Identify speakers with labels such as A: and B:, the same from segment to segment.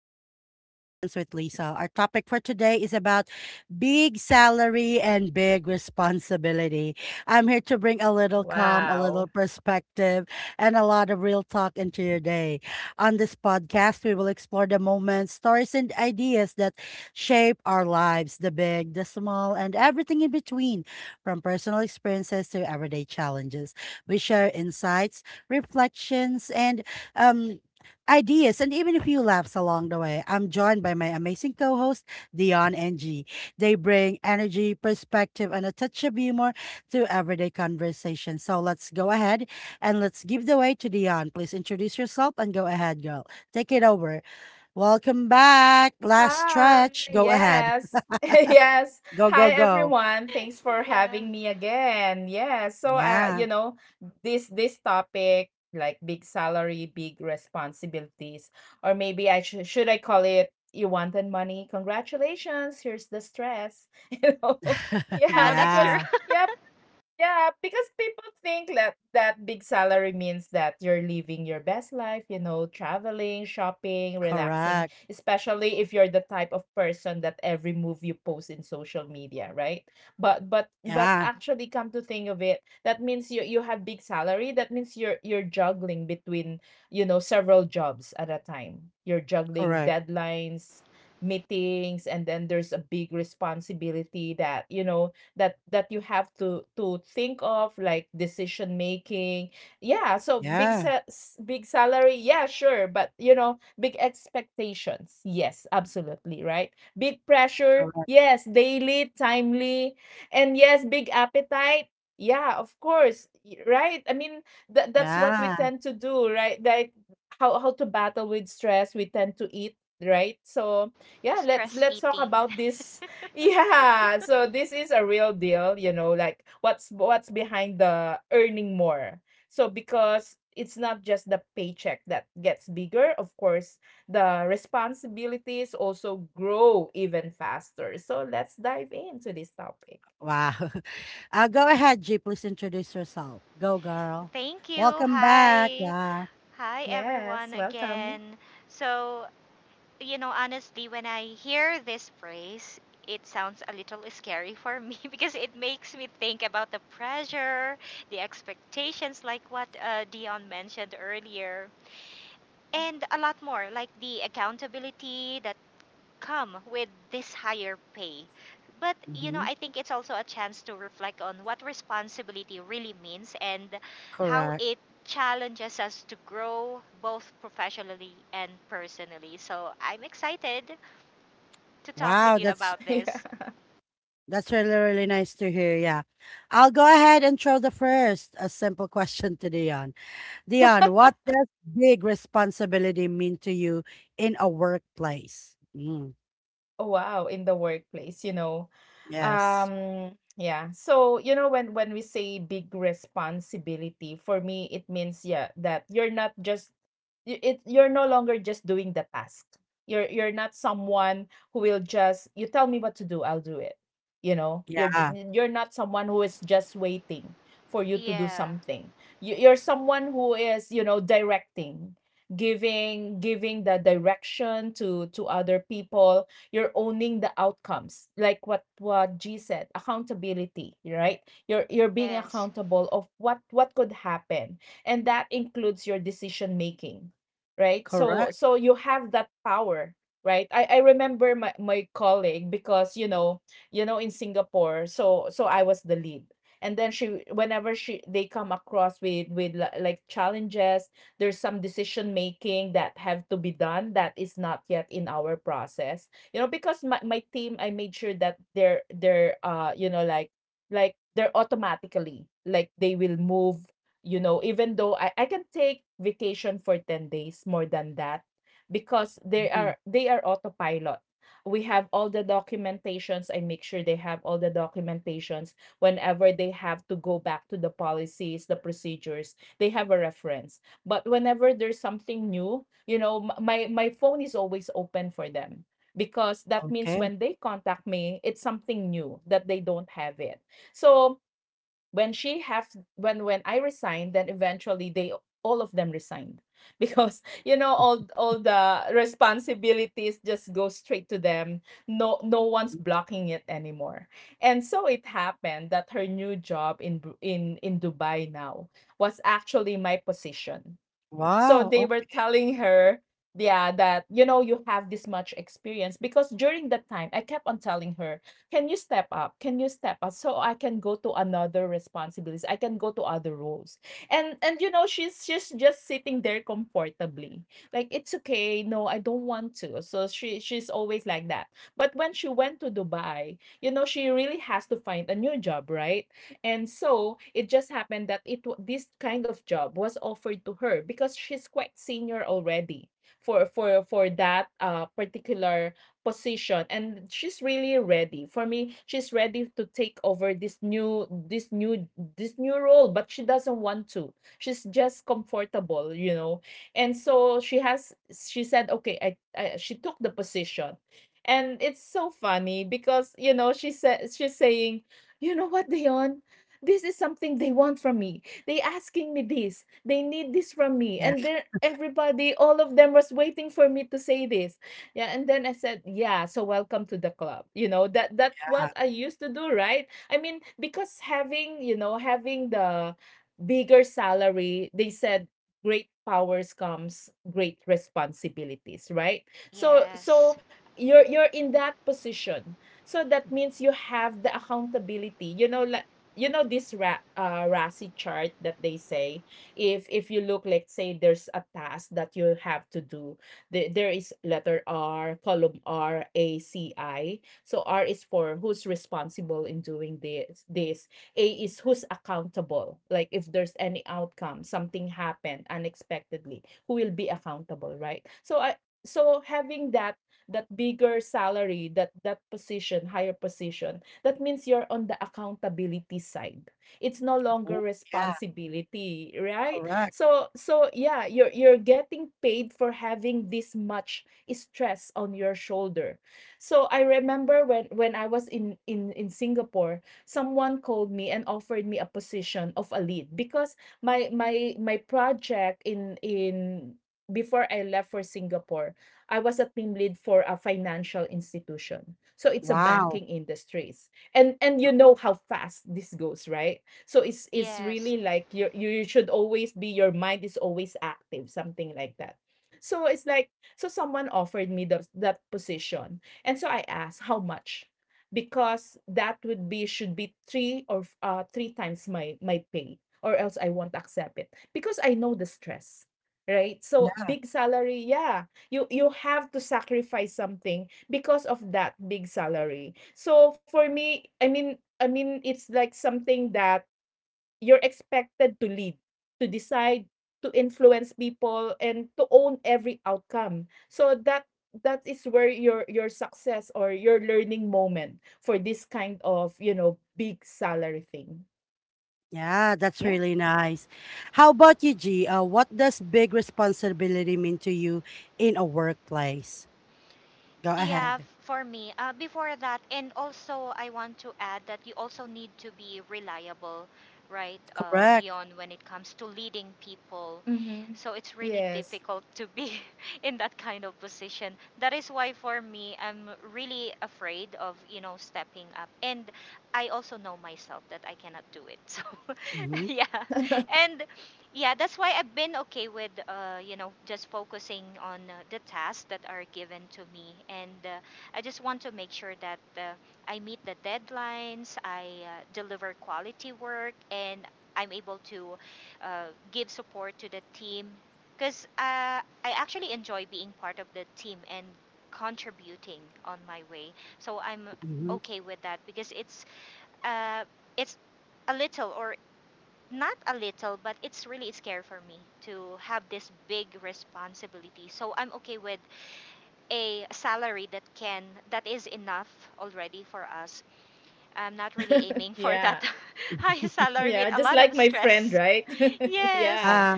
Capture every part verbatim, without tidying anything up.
A: Everyday Reflections with Lisa. Our topic for today is about big salary and big responsibility. I'm here to bring a little calm, a
B: Wow.
A: little perspective, and a lot of real talk into your day. On this podcast, we will explore the moments, stories, and ideas that shape our lives the big, the small, and everything in between, from personal experiences to everyday challenges. We share insights, reflections, and um, ideas and even a few laughs along the way. I'm joined by my amazing co-host, Dion and G. They bring energy, perspective, and a touch of humor to everyday conversation. So let's go ahead and let's give the way to Dion. Please introduce yourself and go ahead, girl. Take it over. Welcome back. Last
B: Hi,
A: stretch. Go ahead.
B: yes, yes.
A: Go, go,
B: Hi,
A: go.
B: everyone. Thanks for
C: Yeah.
B: having me again. Yes. So, uh,
A: Yeah.
B: you know, this this topic, like big salary, big responsibilities, or maybe I should should I call it you wanted money? Congratulations. Here's the stress. You know,
C: Yeah,
B: yeah,
C: that's
B: because
C: true.
A: Yeah.
B: yeah, Yeah, because people think that that big salary means that you're living your best life, you know, traveling, shopping, relaxing,
A: Correct.
B: especially if you're the type of person that every move you post in social media, right? But but but
A: Yeah.
B: actually come to think of it, that means you you have big salary, that means you're you're juggling between, you know, several jobs at a time. You're juggling
A: Correct.
B: deadlines, meetings, and then there's a big responsibility that, you know, that that you have to to think of like decision making. Yeah, so big
A: Yeah.
B: sa- s- big salary, yeah, sure, but you know, big expectations, yes, absolutely right, big pressure,
A: Correct.
B: yes, daily, timely, and yes, big appetite. Yeah, of course, y- right, I mean, that that's what we
A: Yeah.
B: tend to do, right? Like how how to battle with stress, we tend to eat, right? So yeah, let's
C: Stress
B: let's talk
C: eating.
B: about this. Yeah, so this is a real deal, you know, like what's what's behind the earning more. So because it's not just the paycheck that gets bigger, of course, the responsibilities also grow even faster. So let's dive into this topic.
A: Wow. Uh, go ahead, G. Please introduce yourself. Go, girl.
C: Thank you.
A: Welcome back.
C: Hi.
A: Yeah.
C: Hi,
B: Yes,
C: everyone,
B: welcome.
C: again. So, you know, honestly, when I hear this phrase, it sounds a little scary for me because it makes me think about the pressure, the expectations, like what uh, Dion mentioned earlier, and a lot more, like the accountability that come with this higher pay. But you know,
A: Hmm.
C: I think it's also a chance to reflect on what responsibility really means and how
A: Correct.
C: it challenges us to grow both professionally and personally. So I'm excited to talk with
A: Wow.
C: you
A: That's
C: about
B: Yeah.
C: this.
A: that's really really nice to hear. Yeah. I'll go ahead and throw the first a simple question to Dion. Dion, what does big responsibility mean to you in a workplace? Mm.
B: Oh, wow, in the workplace, you know.
A: Yes.
B: Um, yeah. So, you know, when when we say big responsibility, for me it means yeah, that you're not just you- it you're no longer just doing the task. You're you're not someone who will just, you tell me what to do, I'll do it. You know, you're j-
A: Yeah.
B: you're not someone who is just waiting for you to do
C: Yeah.
B: something. You, you're someone who is, you know, directing, giving giving the direction to to other people. You're owning the outcomes, like what what G said, accountability, right? You're you're being
C: Yes.
B: accountable of what what could happen, and that includes your decision making, right? So
A: Correct.
B: so you have that power, right? I i remember my, my colleague, because you know, you know, in Singapore, so so I was the lead, and then she, whenever she they come across with with li- like challenges, there's some decision making that have to be done that is not yet in our process, you know, because my, my team, I made sure that they're they're uh you know like like they're automatically, like they will move, you know, even though i, I can take vacation for ten days more than that, because they
A: Mhm.
B: are they are autopilot. We have all the documentations, I make sure they have all the documentations. Whenever they have to go back to the policies, the procedures, they have a reference, but whenever there's something new, you know, m- my my phone is always open for them, because that means
A: Okay.
B: when they contact me, it's something new that they don't have it. So when she have when when I resigned, then eventually they, all of them resigned. Because you know, all all the responsibilities just go straight to them. no no one's blocking it anymore. And so it happened that her new job in in in Dubai now was actually my position. So they
A: Wow.
B: were telling her, yeah, that you know you have this much experience, because during that time I kept on telling her, can you step up? Can you step up, so I can go to another responsibilities? I can go to other roles. And and you know, she's she's just sitting there comfortably. Like it's okay. No, I don't want to. So she she's always like that. But when she went to Dubai, you know she really has to find a new job, right? And so it just happened that it this kind of job was offered to her because she's quite senior already for for for that uh, particular position, and she's really ready for me, she's ready to take over this new, this new this new role, but she doesn't want to. She's just comfortable, you know. And so she has she said, okay, i, I, she took the position. And it's so funny, because you know she said, she's saying, you know what, Dion, this is something they want from me, they asking me this, they need this from me, and
A: Okay.
B: then everybody, all of them was waiting for me to say this. Yeah. And then I said, yeah, so welcome to the club. You know, that that
A: Yeah.
B: what I used to do, right? I mean, because having, you know, having the bigger salary, they said great powers comes great responsibilities, right? So so
C: Yes.
B: you're you're in that position, so that means you have the accountability, you know, like you know this Ra- uh, RASI chart that they say, if if you look, let's say there's a task that you have to do, the, there is letter R, column R A C I. So R is for who's responsible in doing this this A is who's accountable, like if there's any outcome, something happened unexpectedly, who will be accountable, right? So I, so having that, that bigger salary, that that position, higher position, that means you're on the accountability side. It's no longer
A: Oh, yeah.
B: responsibility, right?
A: Correct.
B: So so yeah, you're you're getting paid for having this much stress on your shoulder. So I remember when when I was in in in Singapore, someone called me and offered me a position of a lead, because my my my project in in before I left for Singapore, I was a team lead for a financial institution. So it's a
A: Wow.
B: banking industry. and and you know how fast this goes, right? So it's it's
C: Yes.
B: really like, you you should always be, your mind is always active, something like that. So it's like, so someone offered me the, that position, and so I asked how much, because that would be, should be three or f- uh, three times my my pay, or else I won't accept it, because I know the stress, right? So big salary, yeah, you you have to sacrifice something because of that big salary. So for me, I mean, I mean, it's like something that you're expected to lead, to decide, to influence people, and to own every outcome. So that, that is where your your success or your learning moment for this kind of, you know, big salary thing.
A: Yeah, that's
B: Yeah.
A: really nice. How about you, G? Uh, what does big responsibility mean to you in a workplace? Go
C: Yeah,
A: ahead.
C: for me. Uh, before that, and also I want to add that you also need to be reliable, right, uh,
A: Correct.
C: Dion, when it comes to leading people.
B: Mm-hmm.
C: So it's really
B: Yes.
C: difficult to be in that kind of position. That is why for me, I'm really afraid of, you know, stepping up. And I also know myself that I cannot do it. So
A: Mm-hmm.
C: yeah, and yeah, that's why I've been okay with uh, you know just focusing on uh, the tasks that are given to me, and uh, I just want to make sure that uh, I meet the deadlines, I uh, deliver quality work, and I'm able to uh, give support to the team because uh, I actually enjoy being part of the team and contributing on my way, so I'm
A: Mm-hmm.
C: okay with that because it's uh, it's a little, or not a little, but it's really scary for me to have this big responsibility. So I'm okay with a salary that can that is enough already for us. I'm not really aiming for
B: Yeah.
C: that high salary with
B: Yeah.
C: a
B: Just
C: lot of
B: like my friend,
C: stress.
B: right?
C: Yes.
B: Yeah.
A: Ah.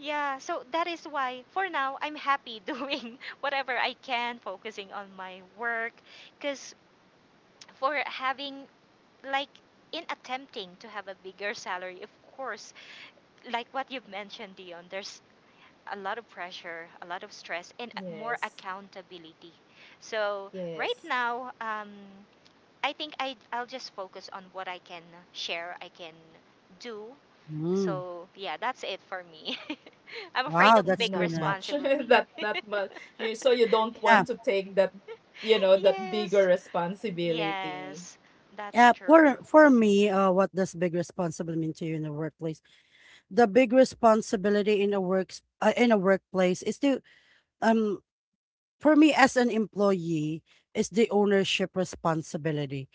C: Yeah, so that is why for now I'm happy doing whatever I can, focusing on my work, cuz for having, like, in attempting to have a bigger salary, of course, like what you've mentioned, Dion, there's a lot of pressure, a lot of stress, and a- more
B: Yes.
C: accountability. So right
B: Yes.
C: now, um, I think I I'll just focus on what I can share, I can do.
A: Mm.
C: So yeah, that's it for me. I'm afraid
A: Wow,
C: of
B: Mhm,
A: that's
C: big
B: not
A: really nice.
B: much.
C: responsibility.
B: That not much. You, so you don't
A: Yeah.
B: want to take that, you know, that bigger
C: yes,
B: responsibility.
C: yes, that's
A: Yeah.
C: true.
A: For for me, uh, what does big responsibility mean to you in a workplace? The big responsibility in a works uh, in a workplace is to um for me as an employee is the ownership responsibility.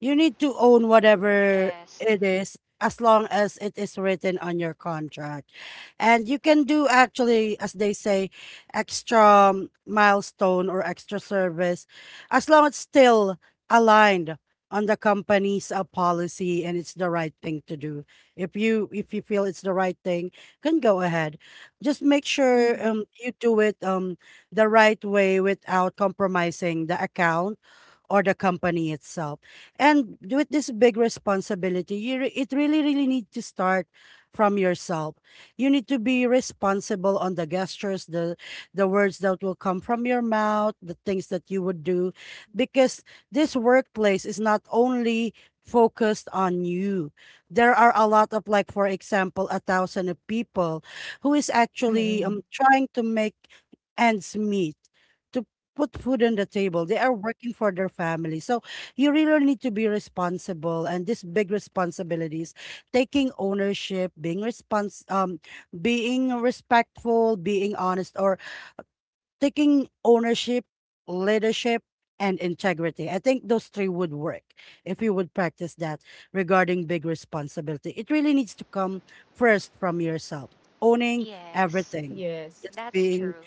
A: You need to own whatever
C: Yes,
A: it is as long as it is written on your contract. And you can do actually, as they say, extra um, milestone or extra service as long as it's still aligned on the company's uh, policy and it's the right thing to do. If you if you feel it's the right thing, can go ahead. Just make sure
B: Mhm.
A: um you do it um the right way without compromising the account or the company itself. And with this big responsibility, you re- it really, really need to start from yourself. You need to be responsible on the gestures, the the words that will come from your mouth, the things that you would do, because this workplace is not only focused on you, there are a lot of, like, for example, a thousand of people who is actually um
B: Mm.
A: trying to make ends meet to put food on the table. They are working for their family. So you really need to be responsible, and these big responsibilities, taking ownership, being respons um being respectful, being honest, or taking ownership, leadership, and integrity. I think those three would work if you would practice that regarding big responsibility. It really needs to come first from yourself, owning
C: yes,
A: everything,
B: Yes.
A: just
C: that's
A: being
C: true.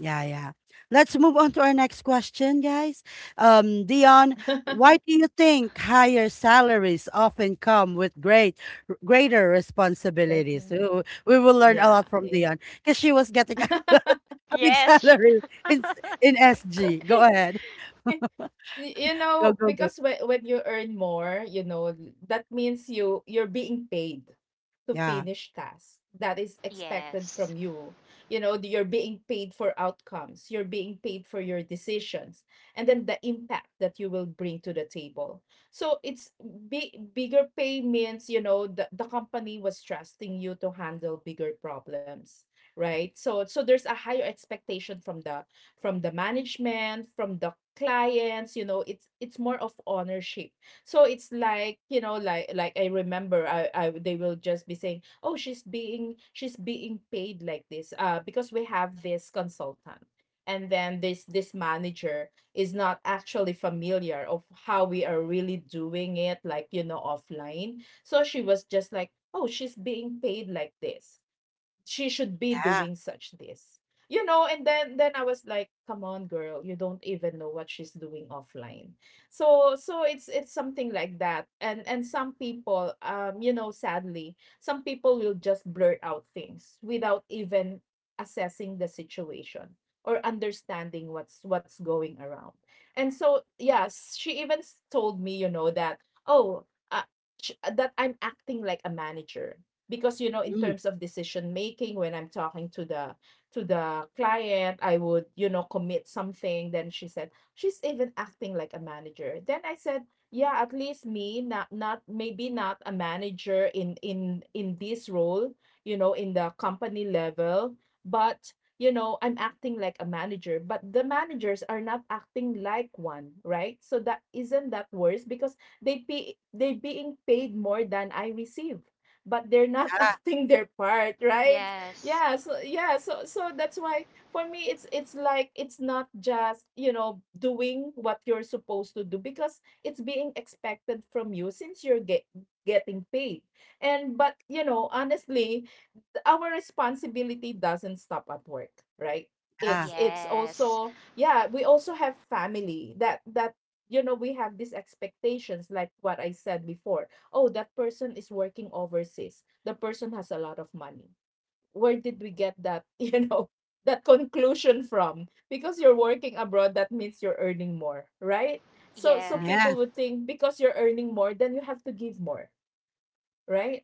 A: yeah, yeah. Let's move on to our next question, guys. Um, Dion, why do you think higher salaries often come with great greater responsibilities?
B: Definitely.
A: Ooh, we will learn a
B: Yeah.
A: lot from
B: Yeah.
A: Dion because she was getting a, big
C: yes. She-
A: salary in in S G. Go ahead.
B: Y- You
A: Go,
B: know,
A: go, go.
B: because when when you earn more, you know, that means you you're being paid to
A: Yeah.
B: finish tasks. That is expected
C: Yes.
B: from you. You know, you're being paid for outcomes. You're being paid for your decisions, and then the impact that you will bring to the table. So it's, big bigger pay means, you know, the, the company was trusting you to handle bigger problems, right? So so there's a higher expectation from the, from the management, from the clients, you know, it's it's more of ownership. So it's like, you know, like like I remember, I, I, they will just be saying, "Oh, she's being, she's being paid like this uh because we have this consultant." And then this this manager is not actually familiar of how we are really doing it, like, you know, offline. So she was just like, "Oh, she's being paid like this." She should be
A: Yeah.
B: doing such this, you know. And then, then I was like, come on, girl, you don't even know what she's doing offline. So so it's it's something like that. and and some people, um you know, sadly, some people will just blurt out things without even assessing the situation or understanding what's what's going around. And so yes, she even s- told me, you know, that, oh uh, sh- that I'm acting like a manager, because you know, in
A: Mm,
B: terms of decision making, when I'm talking to the, to the client, I would, you know, commit something. Then she said she's even acting like a manager, then I said, yeah, at least me, not not maybe not a manager in in in this role, you know, in the company level, but you know, I'm acting like a manager, but the managers are not acting like one, right? So that, isn't that worse? Because they pay, they being paid more than I receive, but they're not
A: yeah.
B: acting their part, right?
C: Yes.
B: Yeah, so yeah, so so that's why for me it's, it's like, it's not just, you know, doing what you're supposed to do, because it's being expected from you since you're get, getting paid. And but you know, honestly, our responsibility doesn't stop at work, right?
A: Yeah.
B: It's it's
C: Yes.
B: also, yeah, we also have family that that you know we have these expectations like what I said before. Oh, that person is working overseas, the person has a lot of money. Where did we get that you know that conclusion from? Because you're working abroad, that means you're earning more, right? So so
C: Yeah.
A: Yes.
B: people would think because you're earning more, then you have to give more, right?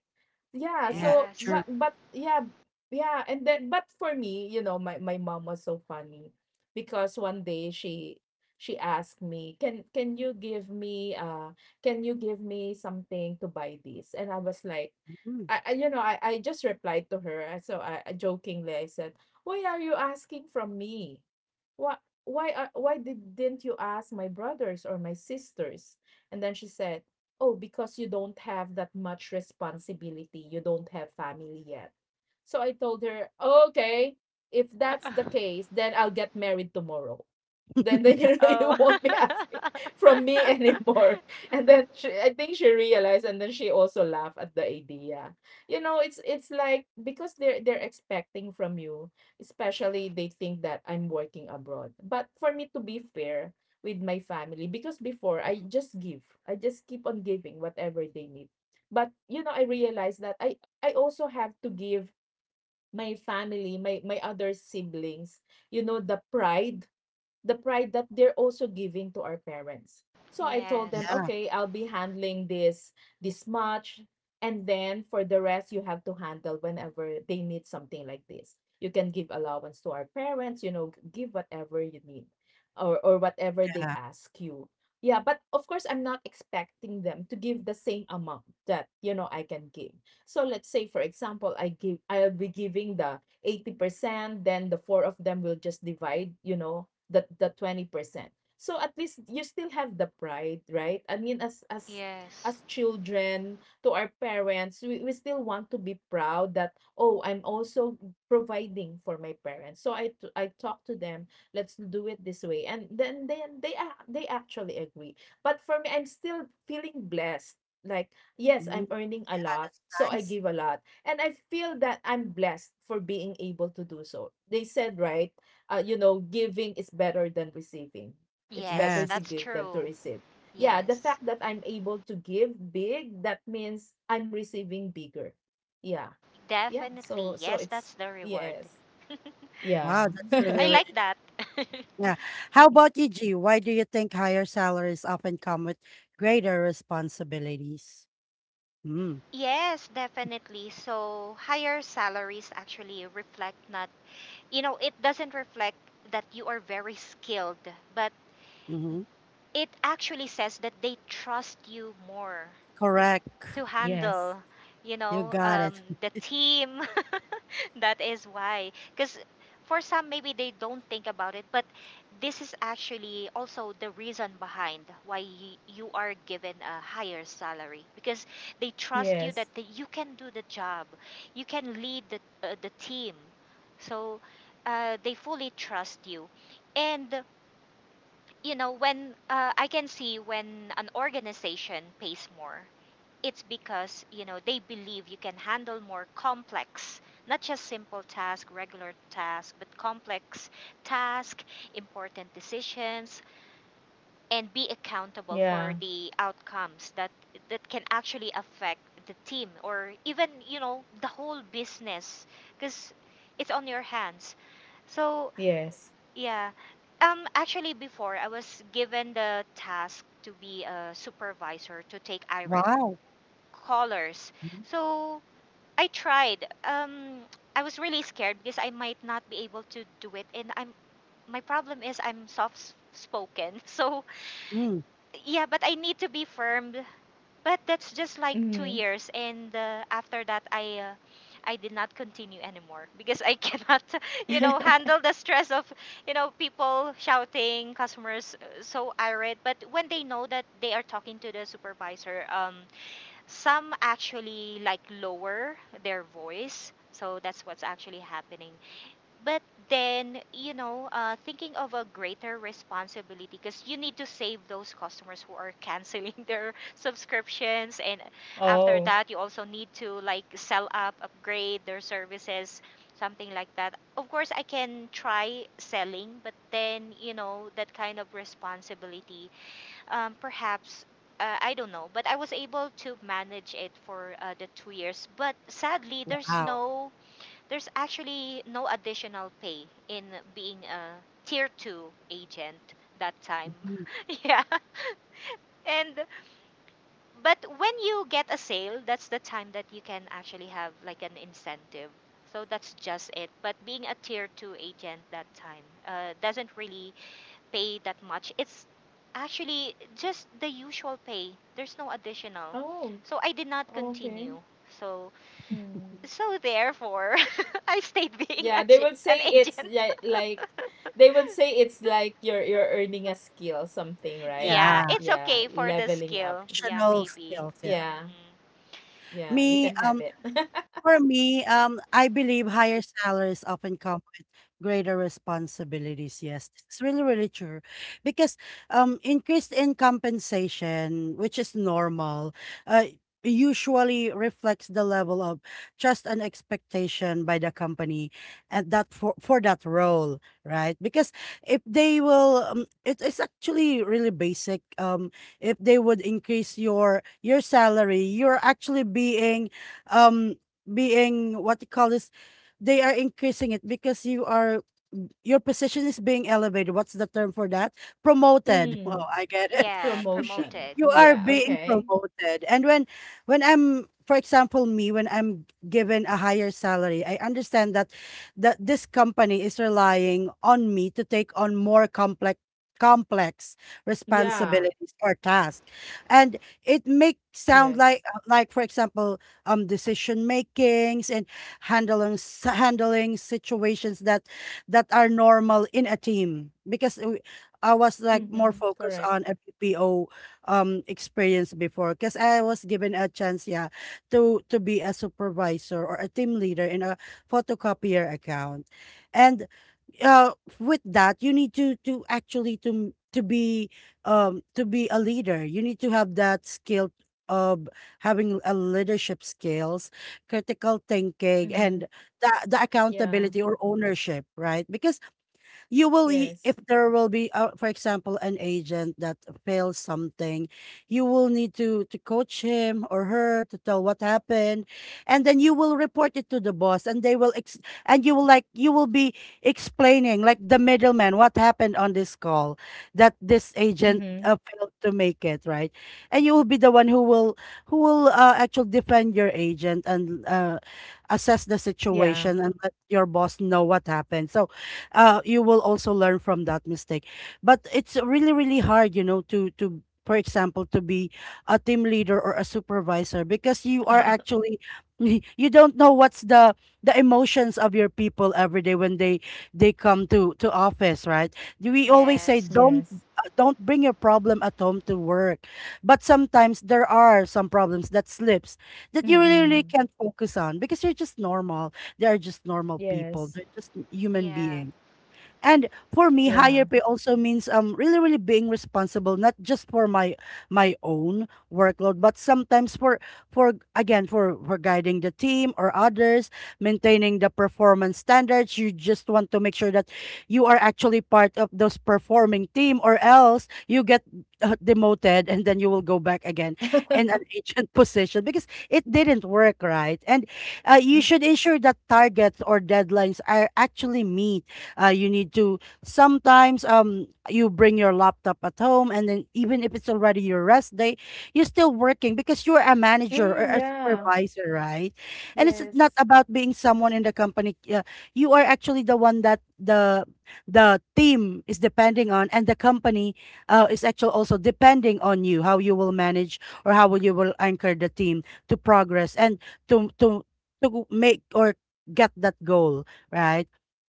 B: Yeah,
A: Yes.
B: so
C: Yes.
A: True.
B: but but yeah, yeah, and then, but for me, you know, my my mom was so funny because one day she she asked me, "Can can you give me uh can you give me something to buy this?" And I was like,
A: Mm,
B: I, I you know, I I just replied to her. uh, So I I jokingly I said, "Why are you asking from me? Why why are, why did, didn't you ask my brothers or my sisters?" And then she said, "Oh, because you don't have that much responsibility. You don't have family yet." So I told her, okay, if that's the case, then I'll get married tomorrow. Then then you, you
C: Oh.
B: won't be asking from me anymore. And then she, I think she realized, and then she also laughed at the idea. You know, it's it's like because they're they're expecting from you, especially they think that I'm working abroad. But for me, to be fair with my family, because before I just give. I just keep on giving whatever they need. But you know, I realized that I I also have to give my family, my my other siblings, you know, the pride, the pride that they're also giving to our parents. So I told them,
C: Yes.
A: yeah.
B: okay, I'll be handling this this much, and then for the rest, you have to handle whenever they need something like this. You can give allowance to our parents, you know, give whatever you need, or or whatever they
A: Yeah.
B: ask you. Yeah, but of course, I'm not expecting them to give the same amount that, you know, I can give. So let's say, for example, I give I'll be giving the eighty percent, then the four of them will just divide, you know, the the twenty percent. So at least you still have the pride, right? I mean, as as
C: Yes.
B: as children to our parents, we, we still want to be proud that, oh, I'm also providing for my parents. So I t- I talk to them, let's do it this way. And then then they ac- they actually agree. But for me, I'm still feeling blessed. Like, yes, I'm
A: Mm,
B: earning a
A: yeah.
B: lot,
A: That's
B: so I
A: nice.
B: give a lot. And I feel that I'm blessed for being able to do so. They said, right? Uh, you know, giving is better than receiving. It's
C: Yes,
B: better to
A: Yes.
C: that's
B: give than to
C: true.
B: receive. Yeah, the
C: Yes.
B: fact that I'm able to give big, that means I'm receiving bigger. Yeah. Yeah. So
C: Definitely.
B: so
C: Yes,
B: it's
C: that's the reward.
B: yes.
A: Wow.
B: Yeah.
A: That's really,
C: I
A: really
C: like that.
A: Yeah. How about you, G? Why do you think higher salaries often come with greater responsibilities? Mm.
C: Yes, definitely. So higher salaries actually reflect not, you know, it doesn't reflect that you are very skilled, but
A: Mm-hmm.
C: it actually says that they trust you more
A: Correct.
C: to
B: Yes.
C: handle you
A: You
C: know
A: got
C: um,
A: it.
C: the team. That is why, because for some maybe they don't think about it, but this is actually also the reason behind why y- you are given a higher salary, because they trust you
B: Yes.
C: that the, you can do the job, you can lead the, uh, the team, so uh, they fully trust you. And you know when uh, I can see, when an organization pays more, it's because you know they believe you can handle more complex, not just simple task, regular task, but complex task, important decisions, and be accountable
B: Yeah.
C: for the outcomes that that can actually affect the team, or even you know the whole business, because it's on your hands, so
B: Yes.
C: yeah. Um actually, before I was given the task to be a supervisor to take irate
A: Wow.
C: colors. So I tried. Um, I was really scared because I might not be able to do it, and I'm my problem is I'm soft spoken. So
A: Mm.
C: yeah, but I need to be firm. But that's just like two
B: Mm-hmm.
C: years, and uh, after that I. Uh, I did not continue anymore because I cannot, you know, handle the stress of, you know, people shouting, customers uh, so irate. But when they know that they are talking to the supervisor, um, some actually like lower their voice. So that's what's actually happening. But then, you know, uh, thinking of a greater responsibility, because you need to save those customers who are canceling their subscriptions. And after
B: Oh.
C: that, you also need to like sell up, upgrade their services, something like that. Of course, I can try selling, but then, you know, that kind of responsibility, um, perhaps uh, I don't know, but I was able to manage it for uh, the two years. But sadly, there's
A: Wow.
C: no, there's actually no additional pay in being a tier two agent that time.
A: Mhm.
C: Yeah, and but when you get a sale, that's the time that you can actually have like an incentive. So that's just it. But being a tier two agent that time uh, doesn't really pay that much. It's actually just the usual pay. There's no additional.
B: Oh.
C: So I did not continue.
B: Okay.
C: So
B: Mm.
C: so therefore I stayed being
B: Yeah,
C: a,
B: they
C: ge-
B: would say
C: an
B: it's
C: agent.
B: like like they would say it's like you're you're earning a skill, something, right?
C: Yeah,
A: Yeah.
C: it's
B: Yeah,
C: okay for the
B: leveling up.
C: skill. Yeah,
A: Additional
C: maybe.
A: skills. Yeah.
B: Yeah,
C: Mhm.
B: yeah, you
A: Me,
B: can have
A: um,
B: it.
A: For me, um, I believe higher salaries often come with greater responsibilities. Yes, it's really, really true. Because um, increase in compensation, which is normal, uh, usually reflects the level of trust and expectation by the company and that for, for that role, right? Because if they will, um, it is actually really basic. Um, if they would increase your your salary, you're actually being um being what you call this, they are increasing it because you are, your position is being elevated, what's the term for that, promoted. Oh,
B: Mm,
A: I get it.
C: Yeah,
A: Y-
B: promotion.
C: promoted.
A: you are
B: Yeah,
A: being
B: okay.
A: promoted, and when when i'm for example me when I'm given a higher salary, I understand that that this company is relying on me to take on more complex complex
B: Yeah,
A: responsibilities or tasks, and it makes
B: yes.
A: sound like like for example um decision makings and handling s- handling situations that that are normal in a team because we- I was
B: Mm-hmm.
A: like more
B: Correct.
A: focused on a B P O um experience before because I was given a chance, yeah, to to be a supervisor or a team leader in a photocopier account, and uh with that, you need to to actually to to be um to be a leader. You need to have that skill of having a leadership skills, critical thinking,
B: Mm-hmm.
A: and the the
B: Yeah,
A: accountability or ownership, right? Because you will y-
B: yes.
A: if there will be uh, for example an agent that fails something, you will need to to coach him or her to tell what happened, and then you will report it to the boss, and they will ex- and you will, like, you will be explaining, like, the middleman what happened on this call that this agent
B: Mm-hmm.
A: uh, failed to make it right, and you will be the one who will who will uh, actually defend your agent and uh, assess the
B: Yeah,
A: situation and let your boss know what happened, so uh, you will also learn from that mistake. But it's really, really hard, you know, to to for example to be a team leader or a supervisor because you are actually you don't know what's the the emotions of your people every day when they they come to to office, right? We always say
C: Yes.
A: don't
B: yes.
A: uh, don't bring your problem at home to work, but sometimes there are some problems that slips, that you really, really
B: Mm-mm.
A: can't focus on because you're just normal, they are just normal people,
B: Yes.
A: they're just human
C: Yeah.
A: beings. And for me,
B: Yeah.
A: higher pay also means um really really being responsible not just for my my own workload, but sometimes for for again for for guiding the team or others, maintaining the performance standards. You just want to make sure that you are actually part of those performing team, or else you get uh, demoted, and then you will go back again in an agent position because it didn't work right. And uh,
B: Mm,
A: you should ensure that targets or deadlines are actually meet. Uh, you need to sometimes um you bring your laptop at home, and then even if it's already your rest day, you're still working because you're a manager or
B: mm,
A: a
B: yeah.
A: supervisor, right? And it's not
B: Yes.
A: about being someone in the company. Uh, you are actually the one that the the team is depending on, and the company uh, is actually also depending on you, how you will manage or how will you will anchor the team to progress and to to to make or get that goal, right?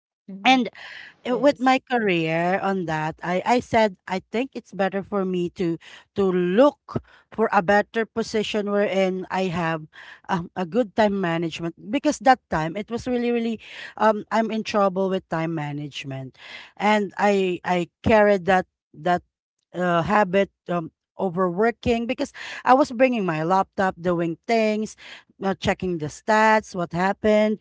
B: Mm-hmm.
A: And eh, with
B: Yes.
A: my career on that, I, I said I think it's better for me to to look for a better position wherein I have um, a good time management, because that time it was really really um I'm in trouble with time management, and I I carried that that uh, habit um overworking, because I was bringing my laptop doing things, uh, checking the stats, what happened.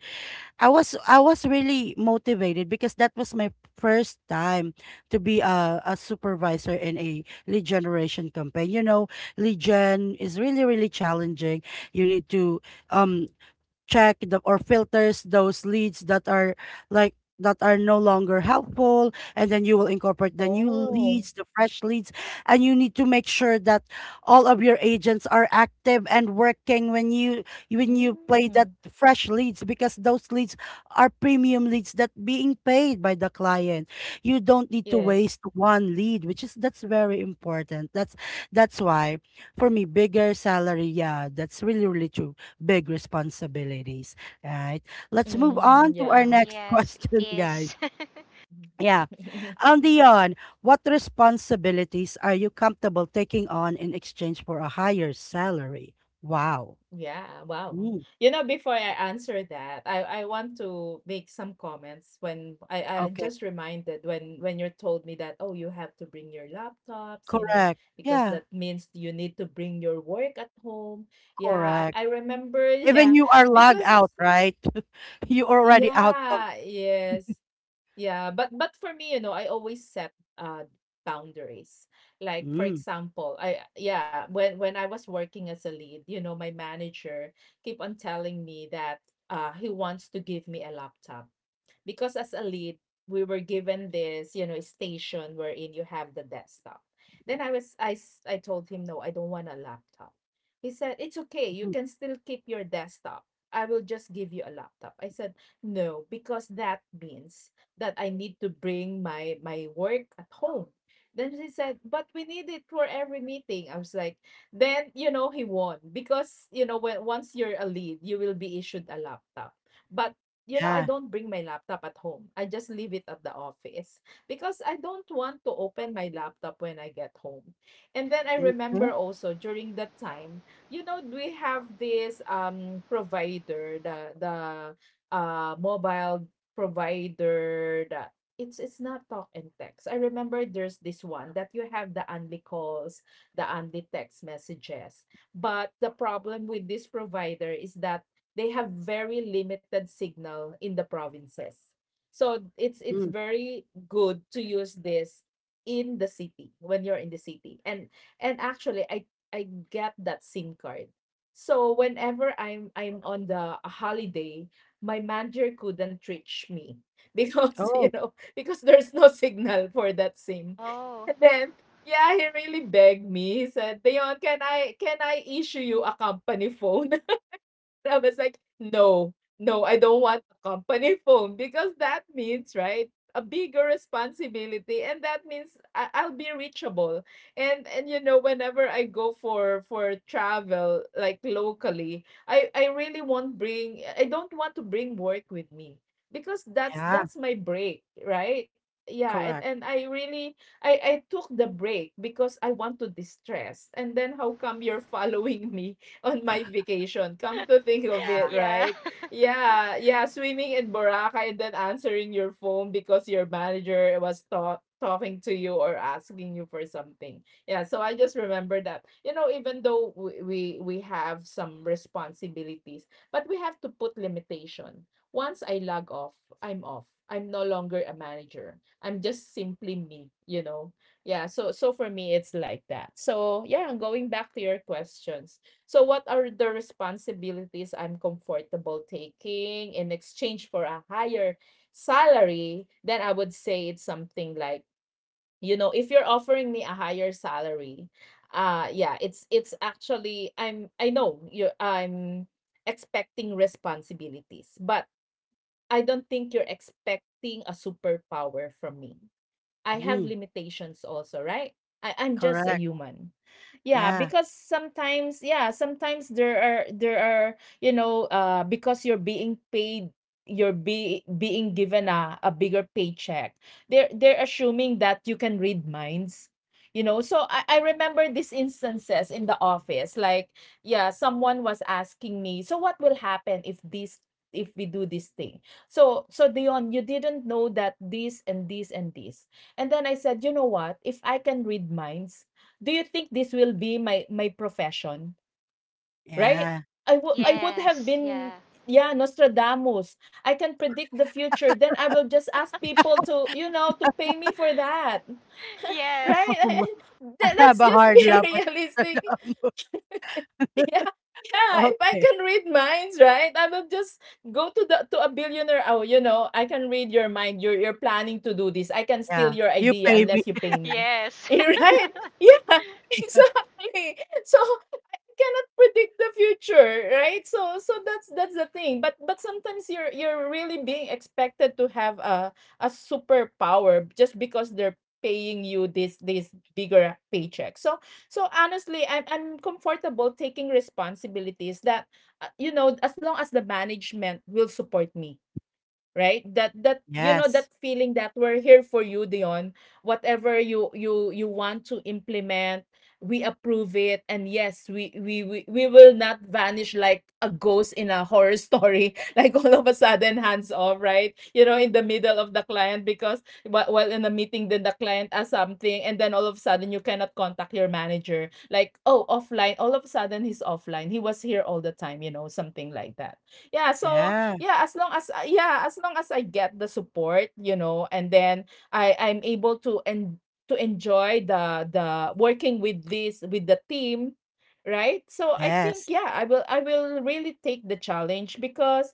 A: I was I was really motivated because that was my first time to be a, a supervisor in a lead generation campaign. You know, lead gen is really really challenging. You need to um check the, or filters those leads that are like that are no longer helpful, and then you will incorporate the new
B: Oh.
A: leads, the fresh leads, and you need to make sure that all of your agents are active and working when you when you play that
B: Mm,
A: fresh leads, because those leads are premium leads that being paid by the client. You don't need to
B: yes.
A: waste one lead, which is that's very important, that's that's why for me bigger salary, yeah, that's really really true, big responsibilities, right? Let's move
B: Mm,
A: on to
B: yeah.
A: our next
C: Yes, it
A: question, guys.
C: is.
A: Yeah. Um, Dion, what responsibilities are you comfortable taking on in exchange for a higher salary? Wow.
B: Yeah, wow.
A: Mm,
B: You know, before I answer that, I I want to make some comments when I I
A: okay.
B: just reminded when when you told me that, oh, you have to bring your laptops, you know,
A: Correct.
B: because
A: Yeah.
B: that means you need to bring your work at home. Yeah,
A: Correct.
B: I, I remember,
A: Even
B: yeah,
A: you are logged
B: because
A: out, right? You already out of.
B: yeah, yes. Yeah, but but for me, you know, I always set uh boundaries. Like for
A: Mm,
B: example, I yeah, when when I was working as a lead, you know, my manager keep on telling me that uh he wants to give me a laptop because as a lead, we were given this, you know, station wherein you have the desktop. Then I was I s- I told him, no, I don't want a laptop. He said, "It's okay. You
A: mm,
B: can still keep your desktop. I will just give you a laptop." I said, "No, because that means that I need to bring my my work at home." Then he said, "But we need it for every meeting." I was like, "Then, you know, he won because, you know, when once you're a lead, you will be issued a laptop." But you know, I
A: yeah.
B: don't bring my laptop at home. I just leave it at the office because I don't want to open my laptop when I get home. And then I
A: Okay.
B: remember also during that time, you know, we have this um provider, the the uh mobile provider that it's it's not talk and text. I remember there's this one that you have the only calls, the only text messages. But the problem with this provider is that they have very limited signal in the provinces. So it's it's
A: Mm.
B: very good to use this in the city when you're in the city. And and actually I I get that SIM card. So whenever I'm I'm on the a holiday, my manager couldn't reach me because you
A: Oh,
B: know, because there's no signal for that SIM.
C: Oh.
B: And then yeah, he really begged me. He said, Dion, can I can I issue you a company phone? I was like, "No, no, I don't want a company phone because that means, right, a bigger responsibility, and that means I- I'll be reachable." And and you know, whenever I go for for travel, like locally, I I really won't bring. I don't want to bring work with me because that's
A: yeah.
B: that's my break, right? Yeah, and,
A: Correct.
B: and I really I, I took the break because I want to distress. And then how come you're following me on my vacation. Come to think of
A: Yeah.
B: it,
C: Yeah.
B: right? Yeah, yeah, swimming in Boracay and then answering your phone because your manager was ta- talking to you or asking you for something. Yeah, so I just remember that. You know, even though we we, we have some responsibilities, but we have to put limitation. Once I log off, I'm off. I'm no longer a manager. I'm just simply me, you know. Yeah, so so for me it's like that. So, yeah, going back to your questions. So what are the responsibilities I'm comfortable taking in exchange for a higher salary? Then I would say it's something like, you know, if you're offering me a higher salary, uh yeah, it's it's actually I'm I know you I'm expecting responsibilities, but I don't think you're expecting a superpower from me. I have
A: Mm,
B: limitations also, right? I, I'm just a
A: correct.
B: human. Yeah,
A: Yeah.
B: because sometimes, yeah, sometimes there are there are, you know, uh because you're being paid, you're be being given a, a bigger paycheck. They're they're assuming that you can read minds. You know, so I, I remember these instances in the office. Like, yeah, someone was asking me, so what will happen if this if we do this thing? So so Dion, you didn't know that this and this and this. And then I said, you know what? If I can read minds, do you think this will be my my profession? Right?
A: Yeah.
B: I would I would have
C: yes,
B: been,
C: yeah.
B: yeah, Nostradamus. I can predict the future. Then I will just ask people to, you know, to pay me for that.
C: Yes.
B: Right?
A: I
B: That-
A: have
B: Let's
A: a
B: just
A: hard
B: be
A: love with
B: realistic. yeah, yeah. If I
A: okay,
B: can read minds, right? I will just go to the to a billionaire. Oh, you know, I can read your mind. You're you're planning to do this. I can
A: yeah.
B: steal your
A: You
B: idea
A: pay me
B: unless you pay me,
C: Yes.
B: right? Yeah, exactly. So cannot predict the future, right? So so that's that's the thing, but but sometimes you're you're really being expected to have a a superpower just because they're paying you this this bigger paycheck. So so honestly, i'm i'm comfortable taking responsibilities that uh, you know, as long as the management will support me, right? That that you know, that
A: yes.
B: feeling that we're here for you, Dion. Whatever you you you want to implement, we approve it. And yes, we we we, we will not vanish like a ghost in a horror story like all of a sudden hands off, right? You know, in the middle of the client, because wh- while in a meeting, then the client asks something and then all of a sudden you cannot contact your manager, like, oh, offline, all of a sudden he's offline. He was here all the time, you know, something like that. Yeah. So
A: Yeah,
B: yeah, as long as I, yeah, as long as I get the support, you know, and then I I'm able to and to enjoy the the working with this, with the team, right? So I think
A: yes.
B: yeah, I will I will really take the challenge. Because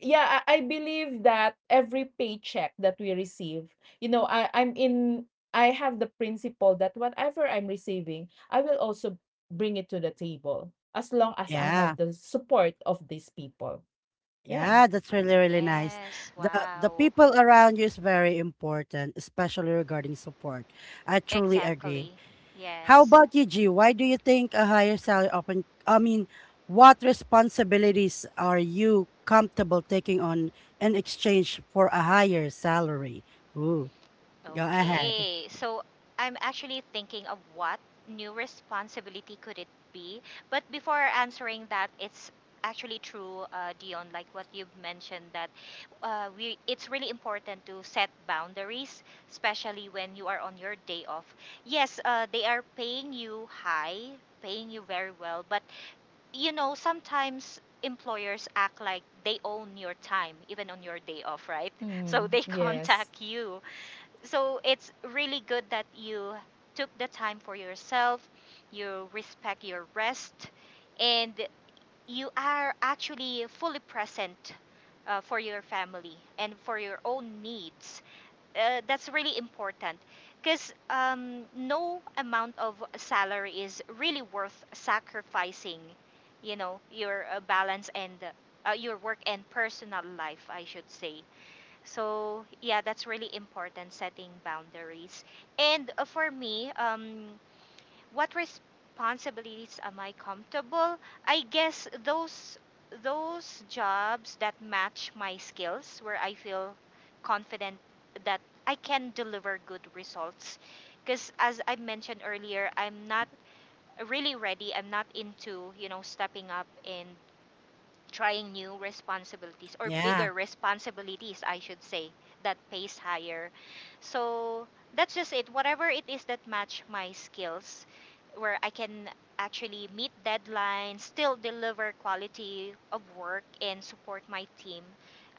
B: yeah, I, I believe that every paycheck that we receive, you know, I I'm in I have the principle that whatever I'm receiving, I will also bring it to the table as long as I
A: Yeah.
B: have the support of these people. Yeah.
A: Yeah, that's really, really nice.
C: Yes,
A: The the
C: wow.
A: people around you is very important, especially regarding support. I truly agree.
C: Exactly.
A: How
C: Yes.
A: about you, G? Why do you think a higher salary Open. I mean, what responsibilities are you comfortable taking on in exchange for a higher salary? Ooh, go ahead.
C: Okay. So I'm actually thinking of what new responsibility could it be? But before answering that, it's actually true, uh, Dion, like what you've mentioned that uh, we it's really important to set boundaries, especially when you are on your day off. Yes, uh, they are paying you high, paying you very well, but you know, sometimes employers act like they own your time even on your day off, right? So
B: Mm,
C: they
B: yes.
C: contact you. So it's really good that you took the time for yourself, you respect your rest, and you are actually fully present uh, for your family and for your own needs. Uh, that's really important, because um, no amount of salary is really worth sacrificing you know your uh, balance and uh, your work and personal life, I should say. So yeah, that's really important, setting boundaries. And uh, for me, um, what responsibilities am I comfortable? I guess those those jobs that match my skills where I feel confident that I can deliver good results, because as I mentioned earlier, I'm not really ready, I'm not into you know stepping up and trying new responsibilities, or
A: Yeah.
C: bigger responsibilities, I should say, that pays higher. So that's just it. Whatever it is that match my skills, where I can actually meet deadlines, still deliver quality of work, and support my team.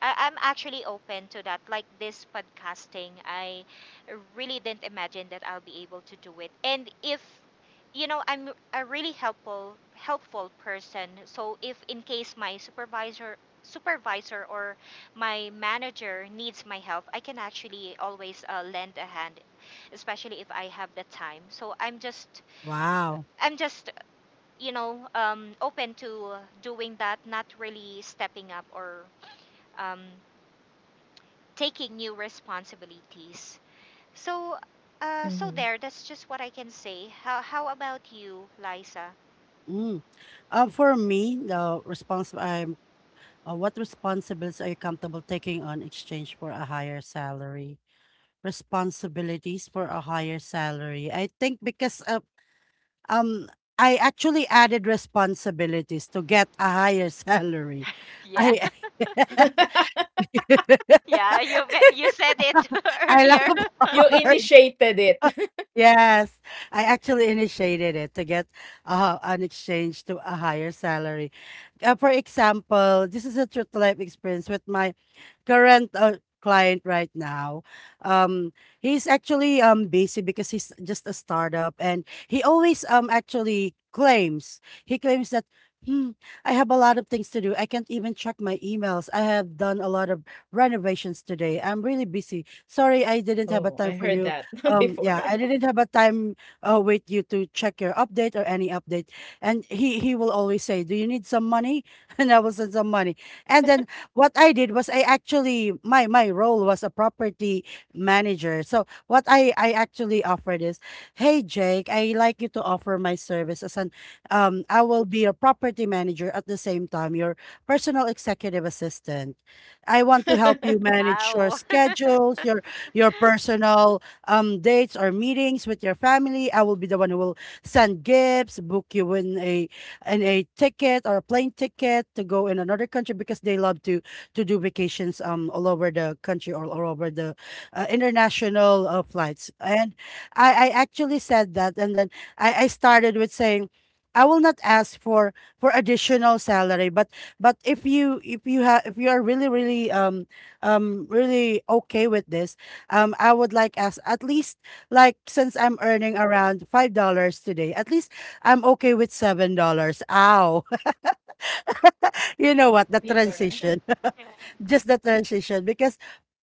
C: I- I'm actually open to that. Like this podcasting, I really didn't imagine that I'll be able to do it. And if you know I'm a really helpful, helpful person, so if in case my supervisor supervisor or my manager needs my help, I can actually always uh, lend a hand, especially if I have the time, so i'm just
A: Wow.
C: i'm just you know um, open to doing that, not really stepping up or um, taking new responsibilities, so uh,
B: Mhm.
C: so there, that's just what I can say. How, how about you, Liza?
A: Mm. Uh, for me, the response I'm uh, what responsibilities are you comfortable taking on exchange for a higher salary? Responsibilities for a higher salary. I think because uh, um I actually added responsibilities to get a higher salary.
C: Yeah.
A: I
C: Yeah, you me- you said it
A: I love
C: earlier.
B: You
A: art.
B: initiated it.
A: Yes, I actually initiated it to get uh, an exchange to a higher salary. Uh, for example, this is a true to life experience with my current uh, client right now. Um, he's actually um busy because he's just a startup, and he always um actually claims he claims that. Hmm, I have a lot of things to do. I can't even check my emails. I have done a lot of renovations today. I'm really busy. Sorry, I didn't have a
B: Oh, I
A: time for
B: heard
A: you.
B: that
A: Um,
B: before.
A: yeah, I didn't have a time uh, with you to check your update or any update. And he he will always say, do you need some money? And I will send some money. And then what I did was, I actually, my my role was a property manager. So what i i actually offered is, hey Jake, I like you to offer my services, and um I will be your property manager at the same time your personal executive assistant. I want to help you manage your
C: Wow.
A: schedules, your your personal um dates or meetings with your family. I will be the one who will send gifts, book you in a in a ticket or a plane ticket to go in another country, because they love to to do vacations um all over the country or all over the uh, international uh, flights. And I I actually said that, and then I I started with saying, I will not ask for for additional salary, but but if you if you have if you are really really um um really okay with this, um I would like ask at least, like since I'm earning around five dollars today, at least I'm okay with seven dollars. Ow. You know what? The
B: Bigger.
A: transition.
C: Yeah.
A: Just the transition. Because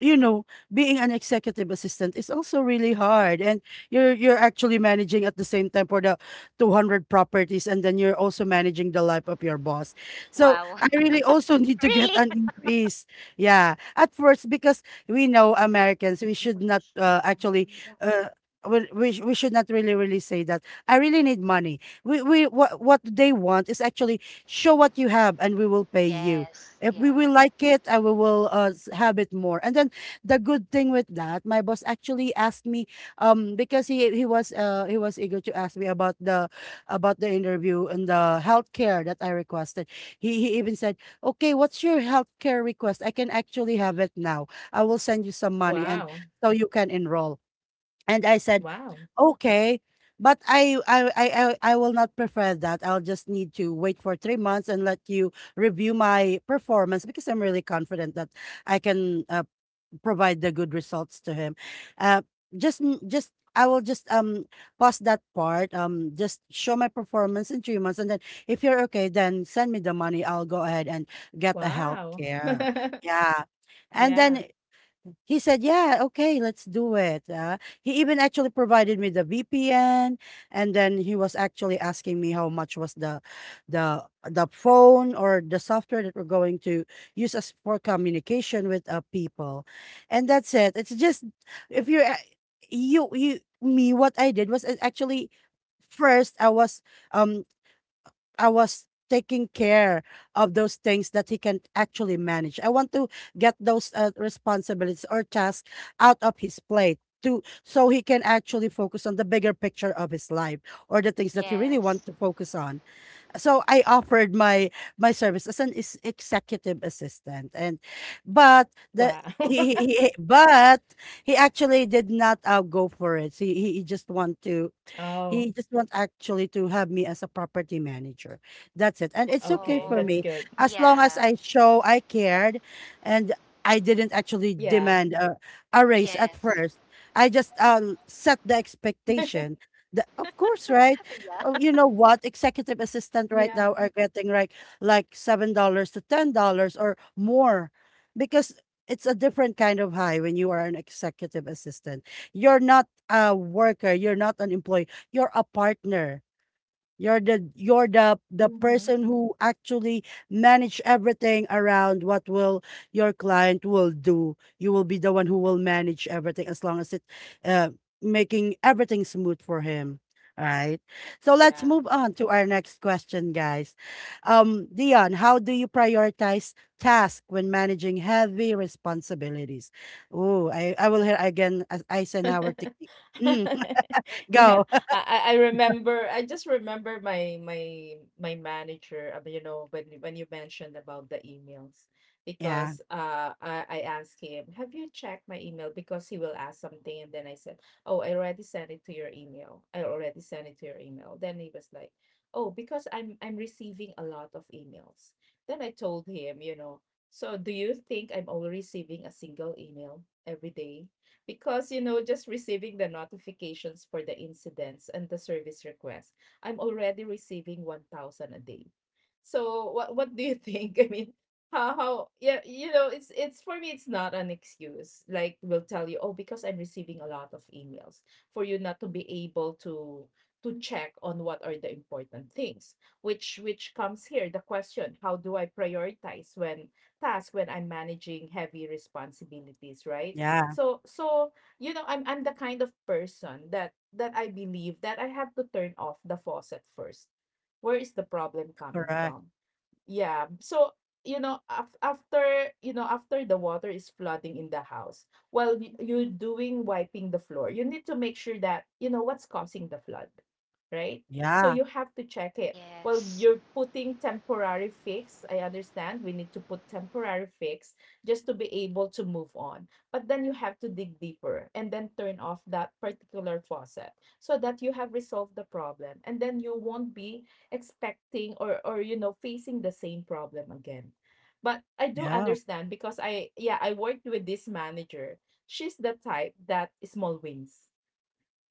A: you know being an executive assistant is also really hard, and you're you're actually managing at the same time for the two hundred properties, and then you're also managing the life of your boss. So
C: Wow.
A: I really also need to get
C: Really?
A: an increase. Yeah, at first, because we know Americans, we should not uh, actually uh, we, we sh- we should not really really say that I really need money. We we what what they want is, actually show what you have and we will pay you.
C: Yes,
A: If we
C: yeah,
A: will like it, I will will, uh, s- have it more. And then the good thing with that, my boss actually asked me, um, because he he was uh he was eager to ask me about the about the interview and the healthcare that I requested. He he even said, "Okay, what's your healthcare request? I can actually have it now. I will send you some money, and
B: Wow.
A: so you can enroll." And I said,
B: Wow.
A: "Okay." But I, I I I I will not prefer that. I'll just need to wait for three months and let you review my performance, because I'm really confident that I can uh, provide the good results to him. Uh, just n- just I will just um pause that part. Um, just show my performance in three months, and then if you're okay, then send me the money. I'll go ahead and get a health
B: Wow.
A: care. Yeah, and
B: Yeah.
A: then he said, "Yeah, okay, let's do it." Uh, he even actually provided me the V P N, and then he was actually asking me how much was the, the the phone or the software that we're going to use as for communication with uh, people, and that's it. It's just if you're a- you you me, what I did was uh, actually, first I was um I was taking care of those things that he can actually manage. I want to get those uh, responsibilities or tasks out of his plate to, so he can actually focus on the bigger picture of his life or the things that he really want
C: yes.
A: to focus on. So I offered my my service as an is- executive assistant, and but
B: Wow.
A: the he, he, he- but he actually did not uh, go for it. He, he he just want to,
B: Oh,
A: he just wants actually to have me as a property manager. That's it. And it's
B: okay.
A: okay
B: That's
A: for
C: Oh,
B: good.
A: me, as long as
C: yeah,
A: I show I cared, and I
B: Yeah.
A: didn't actually demand a, a raise at
C: yes,
A: first. I just uh, set the expectation. The, of course, right?
C: Yeah.
A: Uh, You know what? Executive
B: Yeah.
A: assistant right now are getting like like seven dollars to ten dollars or more, because it's a different kind of high when you are an executive assistant. You're not a worker. You're not an employee, you're a partner. You're the you're the the
B: Hmm.
A: person who actually manage everything around what will your client will do. You will be the one who will manage everything, as long as it uh, making everything smooth for him. All right. So let's
B: Yeah.
A: move on to our next question, guys. Um, Dion, how do you prioritize task when managing heavy responsibilities? Oh, I, I will hear again as Eisenhower technique. Mm,
B: Yeah.
A: go.
B: I, I I remember. I just remember my my my manager, uh, you know, when you- when you mentioned about the emails,
A: Yeah.
B: because uh I, I asked him, "Have you checked my email?" Because he will ask something and then I said, "Oh, I already sent it to your email. I already sent it to your email." Then he was like, "Oh, because I'm I'm receiving a lot of emails." Then I told him, you know, "So do you think I'm only receiving a single email every day?" Because you know, just receiving the notifications for the incidents and the service requests, I'm already receiving one thousand a day. So what what do you think? I mean, how how yeah, you know, it's it's for me it's not an excuse, like we will tell you, oh, because I'm receiving a lot of emails, for you not to be able to to check on what are the important things. Which which comes here the question: how do I prioritize when task when I'm managing heavy responsibilities, right?
A: Yeah.
B: So so you know, I'm I'm the kind of person that that I believe that I have to turn off the faucet first. Where is the problem coming
A: Correct.
B: from? Yeah. So, you know, af- after, you know, after the water is flooding in the house, while y- you're doing wiping the floor, you need to make sure that you know what's causing the flood, right? So
A: Yeah,
B: you have to check it. Well,
C: Yes,
B: you're putting temporary fix. I understand we need to put temporary fix just to be able to move on. But then you have to dig deeper and then turn off that particular faucet so that you have resolved the problem and then you won't be expecting or or you know, facing the same problem again. But I do
A: yeah.
B: understand because I, yeah, I worked with this manager. She's the type that small wins.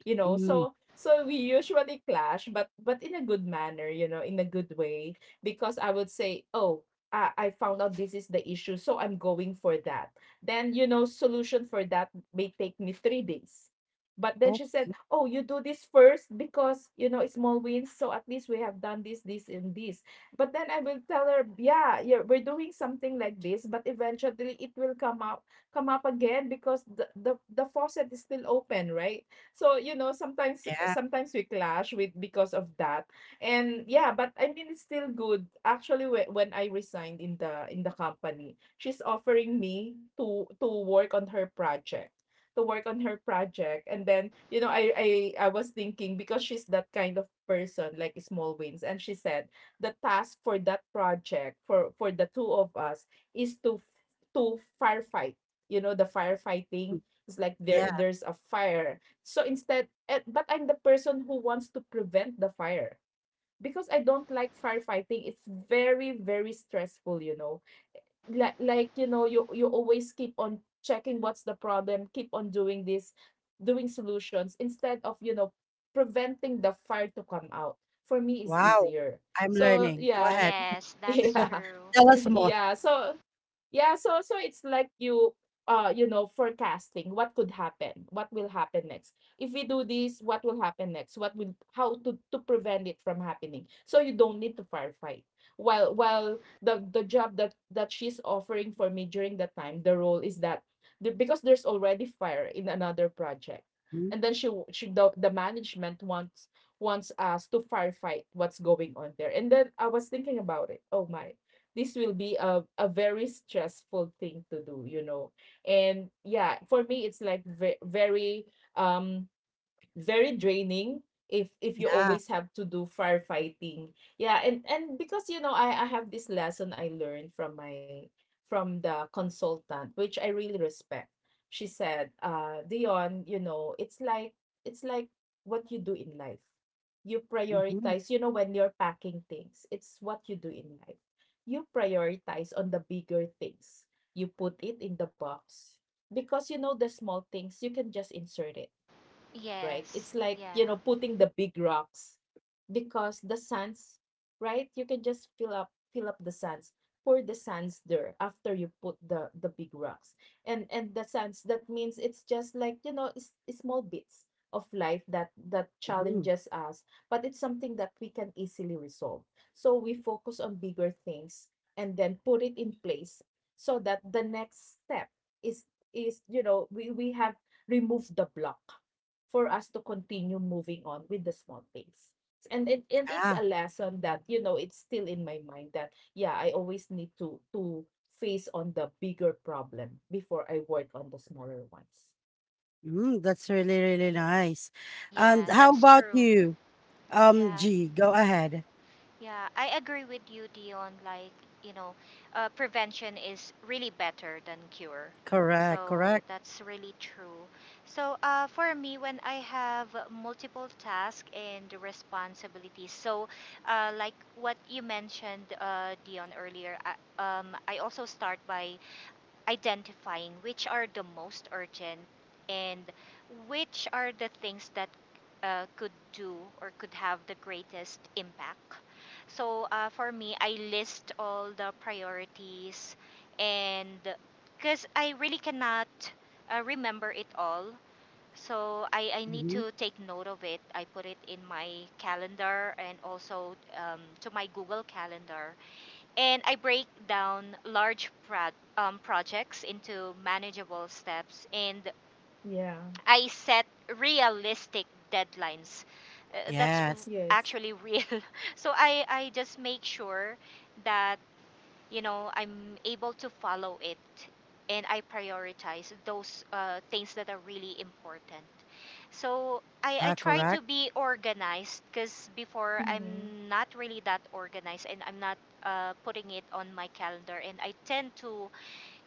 B: You know,
A: Mm.
B: so so we usually clash, but but in a good manner, you know, in a good way. Because I would say, oh, I, I found out this is the issue, so I'm going for that, then you know, solution for that may take me three days. But then
A: Oh,
B: she said, oh, you do this first because you know it's small wins, so at least we have done this, this, and this. But then I will tell her, yeah, yeah, we're doing something like this, but eventually it will come up, come up again, because the the, the faucet is still open, right? So, you know, sometimes,
A: yeah.
B: sometimes we clash with because of that. And yeah, but I mean it's still good. Actually, whe- when I resigned in the in the company, she's offering me to to work on her project, to work on her project, and then you know, I I I was thinking, because she's that kind of person like small wins, and she said the task for that project for for the two of us is to to firefight. You know, the
A: Mm.
B: firefighting, it's like there
A: Yeah.
B: there's a fire. So instead, eh, but I'm the person who wants to prevent the fire because I don't like firefighting. It's very, very stressful, you know. Like, like you know, you you always keep on checking what's the problem, keep on doing this, doing solutions instead of, you know, preventing the fire to come out. For me, is
A: Wow.
B: easier.
A: I'm
B: So
A: learning. Go
B: yeah.
A: ahead.
C: yes, that's
B: Yeah.
C: true.
A: Tell us more.
B: Yeah. So yeah, so so it's like you uh you know, forecasting what could happen, what will happen next. If we do this, what will happen next? What will, how to to prevent it from happening. So you don't need to firefight. While while the the job that that she's offering for me during that time, the role is that the, because there's already fire in another project.
A: Mm.
B: And then she w- she the the management wants, wants us to firefight what's going on there. And then I was thinking about it. Oh my, this will be a, a very stressful thing to do, you know. And yeah, for me it's like ve- very um very draining if if you
A: Yeah.
B: always have to do firefighting. Yeah. And and because you know, i i have this lesson I learned from my, from the consultant which I really respect. She said, uh Dion, you know, it's like, it's like what you do in life, you
A: Mhm,
B: prioritize. You know, when you're packing things, it's what you do in life. You prioritize on the bigger things. You put it in the box because you know the small things you can just insert it, right? It's
C: Yes,
B: like,
C: yeah,
B: you know, putting the big rocks, because the sands, right? You can just fill up fill up the sands, pour the sands there after you put the the big rocks. And and the sands, that means it's just like, you know, it's, it's small bits of life that that
A: mhm.
B: challenges us, but it's something that we can easily resolve. So we focus on bigger things and then put it in place so that the next step is, is you know, we we have removed the block for us to continue moving on with the small things. And it, and it's
A: Yeah.
B: a lesson that you know, it's still in my mind that yeah, I always need to to face on the bigger problem before I work on the smaller ones.
A: Mm, that's really, really nice.
C: yeah,
A: And how
C: that's
A: about
C: true.
A: you? Um,
C: Yeah,
A: G, go ahead.
C: yeah, I agree with you, Dion. Like, you know, uh, prevention is really better than cure.
A: Correct,
C: So
A: correct.
C: that's really true. So uh, for me, when I have multiple tasks and responsibilities, so uh, like what you mentioned, uh, Dion, earlier, I, um, I also start by identifying which are the most urgent and which are the things that uh, could do or could have the greatest impact. So uh, for me, I list all the priorities, and because I really cannot uh, remember it all. So I, I need
A: Mhm.
C: to take note of it. I put it in my calendar and also, um, to my Google Calendar, and I break down large pro- um, projects into manageable steps and
B: Yeah.
C: I set realistic deadlines. Uh, that's r-
A: Yes.
B: Yes.
C: actually real. So I, I just make sure that you know I'm able to follow it, and I prioritize those uh, things that are really important. So i, I
A: Ah,
C: try to
A: correct.
C: be organized, because before
B: Mm-hmm.
C: I'm not really that organized, and I'm not uh, putting it on my calendar, and I tend to,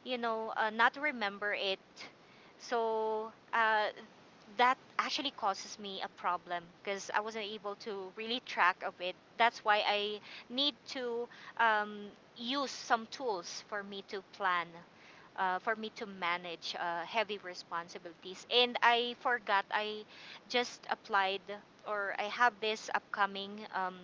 C: you know uh, not remember it. So uh, that actually causes me a problem because I wasn't able to really track of it. That's why I need to um, use some tools for me to plan, uh, for me to manage uh, heavy responsibilities. And I forgot I just applied or I have this upcoming um,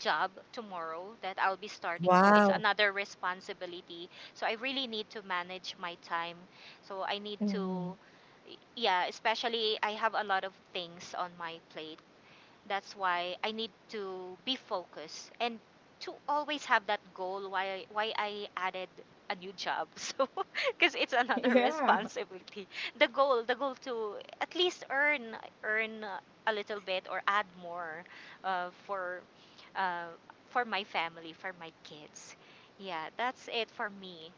C: job tomorrow that I'll be starting. So it's
A: Wow.
C: another responsibility. So I really need to manage my time. So I need
B: Mm-hmm.
C: to, yeah, especially I have a lot of things on my plate. That's why I need to be focused and to always have that goal, why why I added a new job. So because it's another
B: Yeah.
C: responsibility. The goal, the goal to at least earn earn a little bit or add more, uh, for uh, for my family, for my kids. Yeah, that's it for me.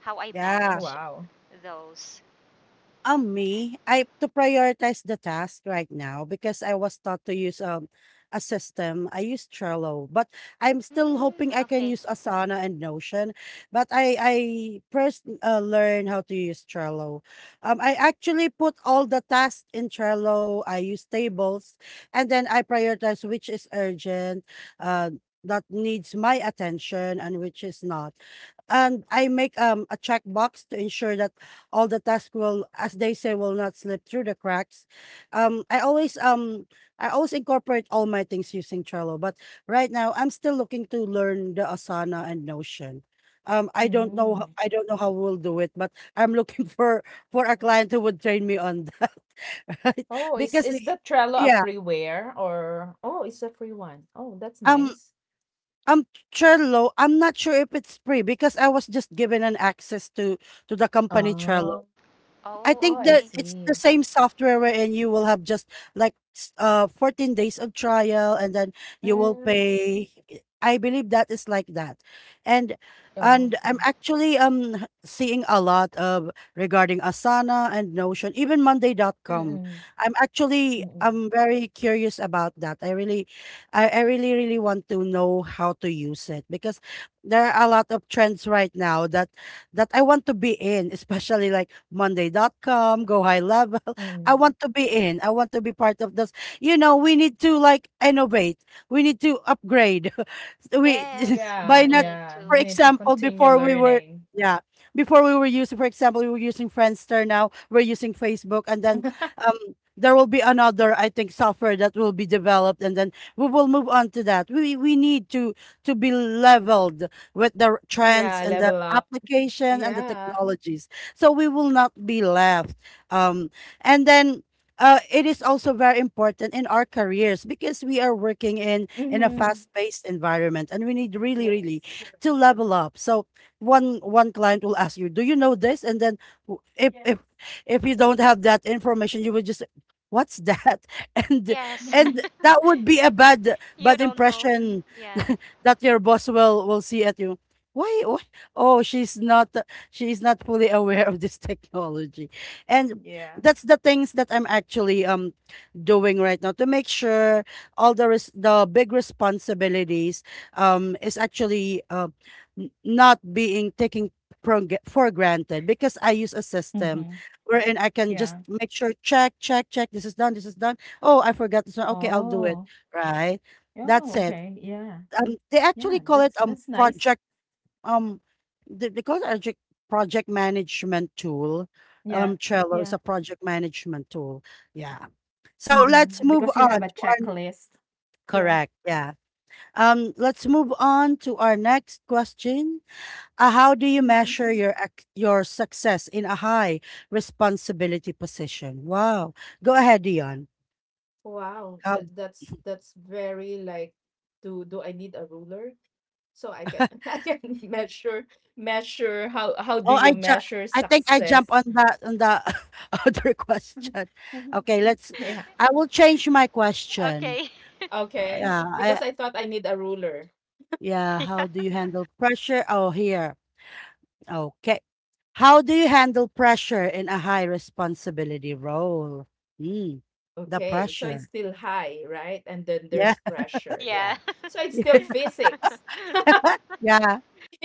C: How I
A: Yeah.
B: Wow.
C: manage those.
A: Um, me, I to prioritize the task right now, because I was taught to use um a system. I use Trello, but I'm still hoping
C: Mm,
A: I can
C: okay.
A: use Asana and Notion. But I I first uh, learn how to use Trello. Um, I actually put all the tasks in Trello. I use tables, and then I prioritize which is urgent, uh, that needs my attention, and which is not. And I make um a checkbox to ensure that all the tasks will, as they say, will not slip through the cracks. Um, I always um, I always incorporate all my things using Trello, but right now I'm still looking to learn the Asana and Notion. Um, I don't know, ho-
B: Mm.
A: I don't know how we'll do it, but I'm looking for for a client who would train me on that, right?
B: Oh, is
A: Because
B: is the Trello a
A: yeah,
B: freeware or, oh, it's a free one. Oh, that's
A: um,
B: nice.
A: um, Trello, I'm not sure if it's free, because I was just given an access to to the company Trello.
B: Oh,
A: I
C: Oh,
B: oh,
A: think
B: I
A: that
C: okay.
A: it's the
B: see.
A: same software wherein you will have just like s- uh fourteen days of trial and then you will
B: Mm.
A: pay. I believe that is like that. And
B: Oh,
A: and
B: okay.
A: I'm actually um h- seeing a lot of regarding Asana and Notion, even Monday dot com.
B: Mm-mm.
A: I'm actually
B: Mm-mm.
A: I'm very curious about that. I really I, I really really want to know how to use it, because there are a lot of trends right now that that I want to be in, especially like Monday dot com, Go High Level. I
B: Mm.
A: want to be in. I want to be part of those. You know, we need to like innovate. We need to upgrade. So we
C: Yes, we
A: by
B: Yeah,
A: not,
C: need
B: yeah.
A: for
B: We
C: to.
B: need to
A: example
B: continue
A: before we were
B: learning.
A: yeah before we were using, for example, we were using Friendster, now we're using Facebook, and then um there will be another, I think, software that will be developed, and then we will move on to that. We we need to to be leveled with the
B: Yeah,
A: trends and
B: level
A: the
B: up.
A: application and the
B: Yeah.
A: technologies, so we will not be left um. And then uh, it is also very important in our careers, because we are working in in a
B: Mm-hmm.
A: fast-paced environment, and we need really really
B: Yes. Correct.
A: to level up. So one one client will ask you, do you know this? And then w- if
B: Yes.
A: if if you don't have that information, you will just, what's that? and
C: Yes.
A: and
B: Mm-hmm.
A: that would be a bad
C: You
A: bad
C: don't know.
A: impression
C: Yeah.
A: that your boss will will see at you. why, why oh she's not, she is not fully aware of this technology. And
B: Yeah.
A: that's the things that I'm actually um doing right now, to make sure all the res- the big responsibilities um is actually uh, n- not being taken for, g- for granted, because I use a system
B: Mm-hmm.
A: wherein I can just
B: Yeah.
A: make sure, check, check, check, this is done, this is done, oh I forgot this one, okay I'll do it,
B: Oh,
A: right, that's
B: oh,
A: it.
B: okay. Yeah.
A: Um, they actually
B: Yeah,
A: call it
B: that's
A: um
B: that's nice.
A: project um, they, they call it project project management tool. Um,
B: Yeah.
A: Trello is a
B: Yeah.
A: project management tool. Yeah. So
B: Mm-hmm.
A: let's
B: Because you
A: move
B: have a
A: on to our,
B: checklist. Yeah.
A: correct. Yeah. Um, let's move on to our next question. Uh, how do you
B: Mm-hmm.
A: measure your ex- your success in a high responsibility position? Wow. Go ahead, Dion.
B: Wow, that that's that's very like, do do I need a ruler? So I can I can measure, measure how, how do
A: Oh,
B: you
A: I ju
B: measure
A: I think I jump
B: success?
A: on the on the other question. Okay, let's,
B: Yeah,
A: I will change my question.
C: Okay.
A: Uh,
B: okay.
A: yeah,
B: Because
A: I
B: I thought I need a ruler.
A: yeah,
C: Yeah.
A: how do you handle pressure? Oh, here. Okay. How do you handle pressure in a high responsibility role? Mm, the
B: Okay, so it's
A: pressure.
B: still high, right? And then
A: Yeah.
B: there's pressure.
C: Yeah.
B: Yeah. So it's still physics.
A: Yeah.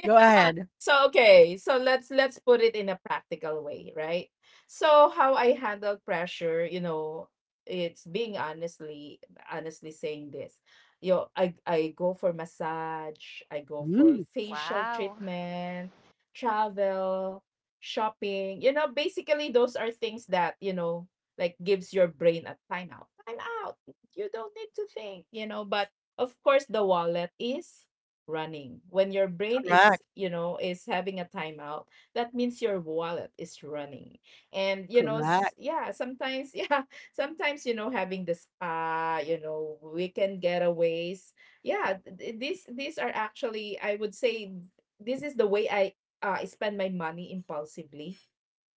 A: Go ahead.
B: So okay, so let's, let's put it in a practical way, right? So how I handle pressure, you know, it's being honestly, honestly saying this, you know, I, I go for massage, I go for
A: Mm.
B: facial
C: Wow.
B: treatment, travel, shopping. You know, basically those are things that you know like gives your brain a timeout. Time out. You don't need to think, you know. But of course, the wallet is running. When your brain is,
A: Correct.
B: you know, is having a timeout, that means your wallet is running. And you know, s-
A: Correct.
B: yeah, sometimes, yeah, sometimes, you know, having the spa, you know, weekend getaways, yeah, th- th- these these are actually, I would say, this is the way I uh, spend my money impulsively,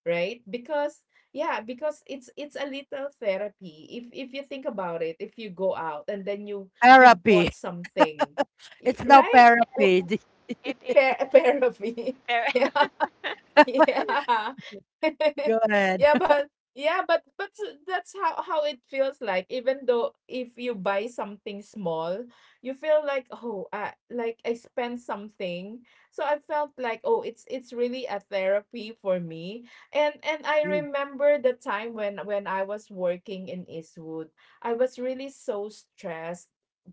B: right? Because yeah, because it's it's a little therapy if if you think about it. If you go out and then you you
A: Therapy.
B: bought something, Y-
A: It's now
B: right?
C: Yes.
B: Well,
A: therapy.
C: It is
B: pair, a pair of me,
C: very
B: yeah. Yeah.
A: Go ahead.
B: Yeah, but yeah, but but s- that's how, how it feels like. Even though if you buy something small, you feel like, oh, I, like I spent something. So I felt like, oh, it's it's really a therapy for me. And and I
A: Mm,
B: remember the time when, when I was working in Eastwood, I was really so stressed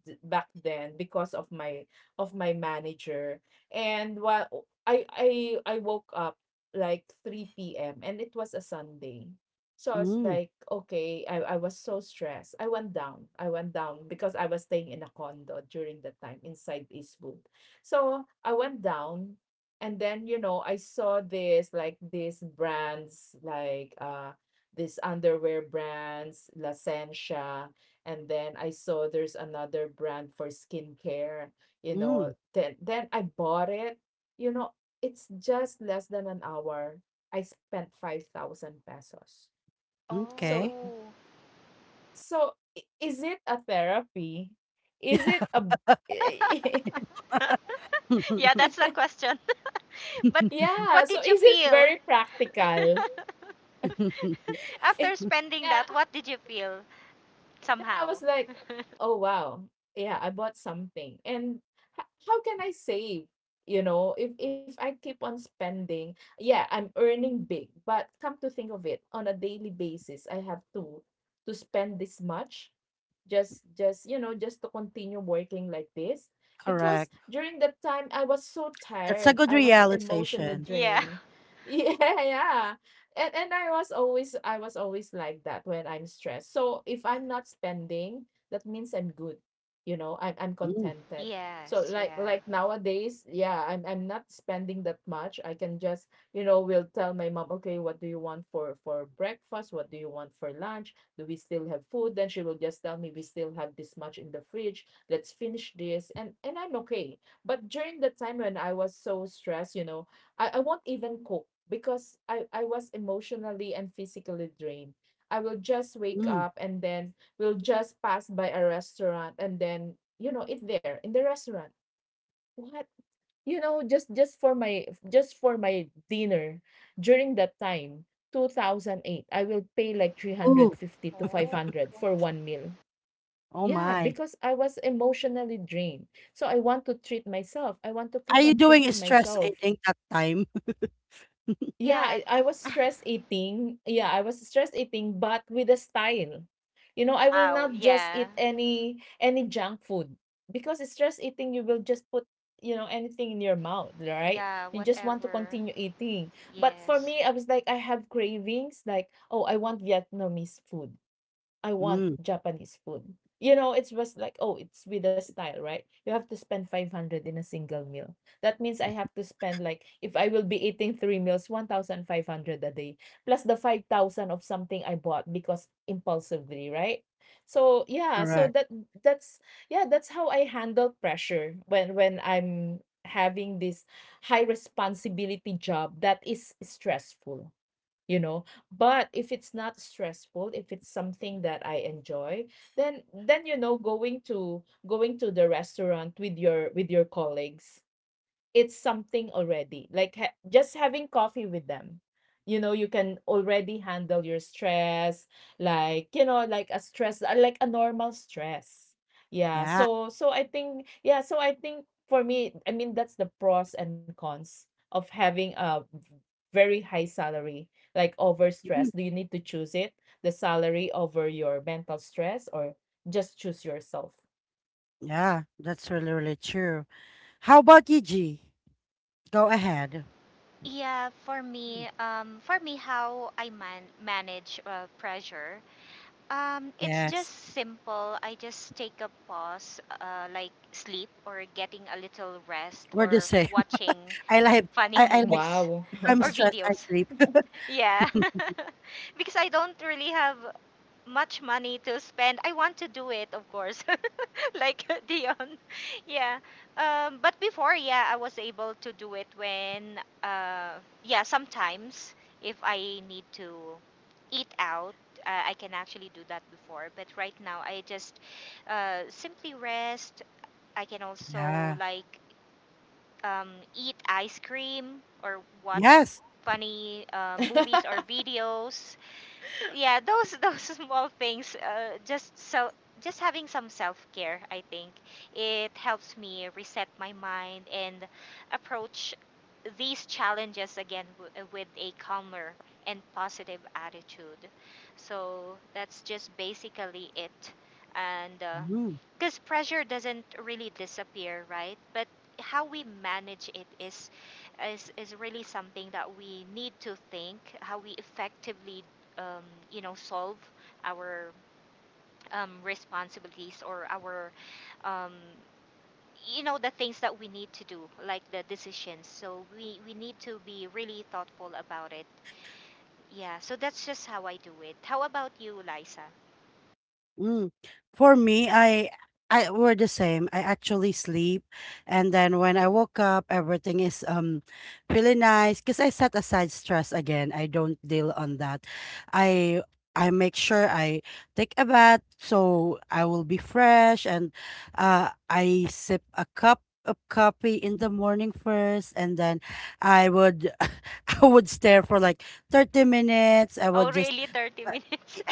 B: d- back then because of my, of my manager. And while I I I woke up like three p m and it was a Sunday. So I was
A: mm,
B: like, okay, I, I was so stressed. I went down. I went down because I was staying in a condo during that time inside Eastwood. So I went down and then, you know, I saw this, like these brands like uh this underwear brands, La Sencha, and then I saw there's another brand for skincare, you know,
A: mm.
B: then, then I bought it. You know, it's just less than an hour, I spent five thousand pesos. So,
A: Okay.
C: Oh.
B: so I is it a therapy? Is it a
C: Yeah, that's the question. But
B: yeah,
C: what
B: so
C: did you
B: is it
C: feel?
B: very practical?
C: After spending
B: Yeah.
C: that, what did you feel
B: Then I
C: somehow?
B: was like, "Oh wow, yeah, I bought something." And h- how can I save? You know, if if I keep on spending, yeah, I'm earning big, but come to think of it, on a daily basis, I have to to spend this much, just just you know, just to continue working like this because
A: Correct.
B: during that time I was so
A: That's a
B: tired.
A: good
B: I was emotionally
A: realization.
C: Yeah.
B: drained. Yeah, yeah, and and I was always, I was always like that when I'm stressed. So if I'm not spending, that means I'm good. You know, I'm I'm
A: Mm,
B: contented. So
C: Yes,
B: like
C: yeah.
B: like nowadays, yeah, I'm I'm not spending that much. I can just, you know, will tell my mom, okay, what do you want for for breakfast? What do you want for lunch? Do we still have food? Then she will just tell me we still have this much in the fridge. Let's finish this. And and I'm okay. But during the time when I was so stressed, you know, I, I won't even cook because I, I was emotionally and physically drained. I will just wake
A: mm.
B: up and then we'll just pass by a restaurant and then, you know, eat there in the restaurant. What, you know, just just for my, just for my dinner during that time, two thousand eight, I will pay like
A: Ooh,
B: three hundred fifty to
C: Oh.
B: five hundred for one meal.
A: oh
B: Yeah,
A: my.
B: because I was emotionally drained. So I want to treat myself. I want to
A: Are
B: keep
A: you
B: on
A: doing
B: treating
A: stress
B: myself.
A: eating that time?
B: Yeah,
C: Yeah.
B: I I was stress eating. Yeah, I was stress eating, but with a style. You know, I will
C: Wow,
B: not just
C: yeah.
B: eat any any junk food because stress eating, you will just put, you know, anything in your mouth, right?
C: Yeah,
B: You just want to
C: whatever.
B: continue eating. But for
C: Yes.
B: me, I was like, I have cravings, like, oh, I want Vietnamese food. I want
A: Mm.
B: Japanese food. You know, it's just like, oh, it's with a style, right? You have to spend five hundred in a single meal. That means I have to spend like, if I will be eating three meals, one thousand five hundred a day, plus the five thousand of something I bought because impulsively, right? So yeah, so
A: Correct.
B: that, that's, yeah, that's how I handle pressure when when I'm having this high responsibility job that is stressful, you know. But if it's not stressful, if it's something that I enjoy, then then you know, going to going to the restaurant with your with your colleagues, it's something already. Like ha- just having coffee with them. You know, you can already handle your stress, like, you know, like a stress, uh, like a normal stress. Yeah.
A: Yeah.
B: So, so I think, yeah. So I think for me, I mean, that's the pros and cons of having a v- very high salary, like over stress.
A: Mm,
B: Do you need to choose it, the salary over your mental stress, or just choose yourself?
A: yeah, that's really, really true. How about you, G? Go ahead.
C: Yeah, for me, um for me, how I man manage uh, pressure, um it's just
A: Yes,
C: simple. I just take a pause, uh, like sleep or getting a little rest
A: we're the
C: or
A: same.
C: watching
A: I like
C: funny
A: I, I like
C: movies
B: Wow.
A: if I'm
C: or
A: stressed, I
C: videos.
A: sleep.
C: Yeah. Because I don't really have much money to spend. I want to do it, of course, like Dion. Yeah. Um, but before, yeah, I was able to do it when, uh, yeah, sometimes if I need to eat out, uh, I can actually do that before. But right now, I just uh, simply rest. I can also,
A: Yeah.
C: like, um, eat ice cream or watch
A: Yes.
C: funny uh, movies or videos. Yeah, those those small things, uh, just so just having some self-care, I think it helps me reset my mind and approach these challenges again, w- uh, with a calmer and positive attitude. So that's just basically it, and
A: Mhm.
C: because pressure doesn't really disappear, right? But how we manage it is is is really something that we need to think how we effectively um, you know solve our um, responsibilities, or our um, you know the things that we need to do, like the decisions. So we we need to be really thoughtful about it. Yeah, so that's just how I do it. How about you, Liza?
A: Mm. For me, I I we're the same. I actually sleep, and then when I woke up, everything is um feeling nice because I set aside stress again. I don't deal on that. I I make sure I take a bath so I will be fresh, and uh, I sip a cup of coffee in the morning first, and then I would I would stare for like thirty minutes. I would
C: Oh,
A: just.
C: really?
A: Uh,
C: thirty minutes?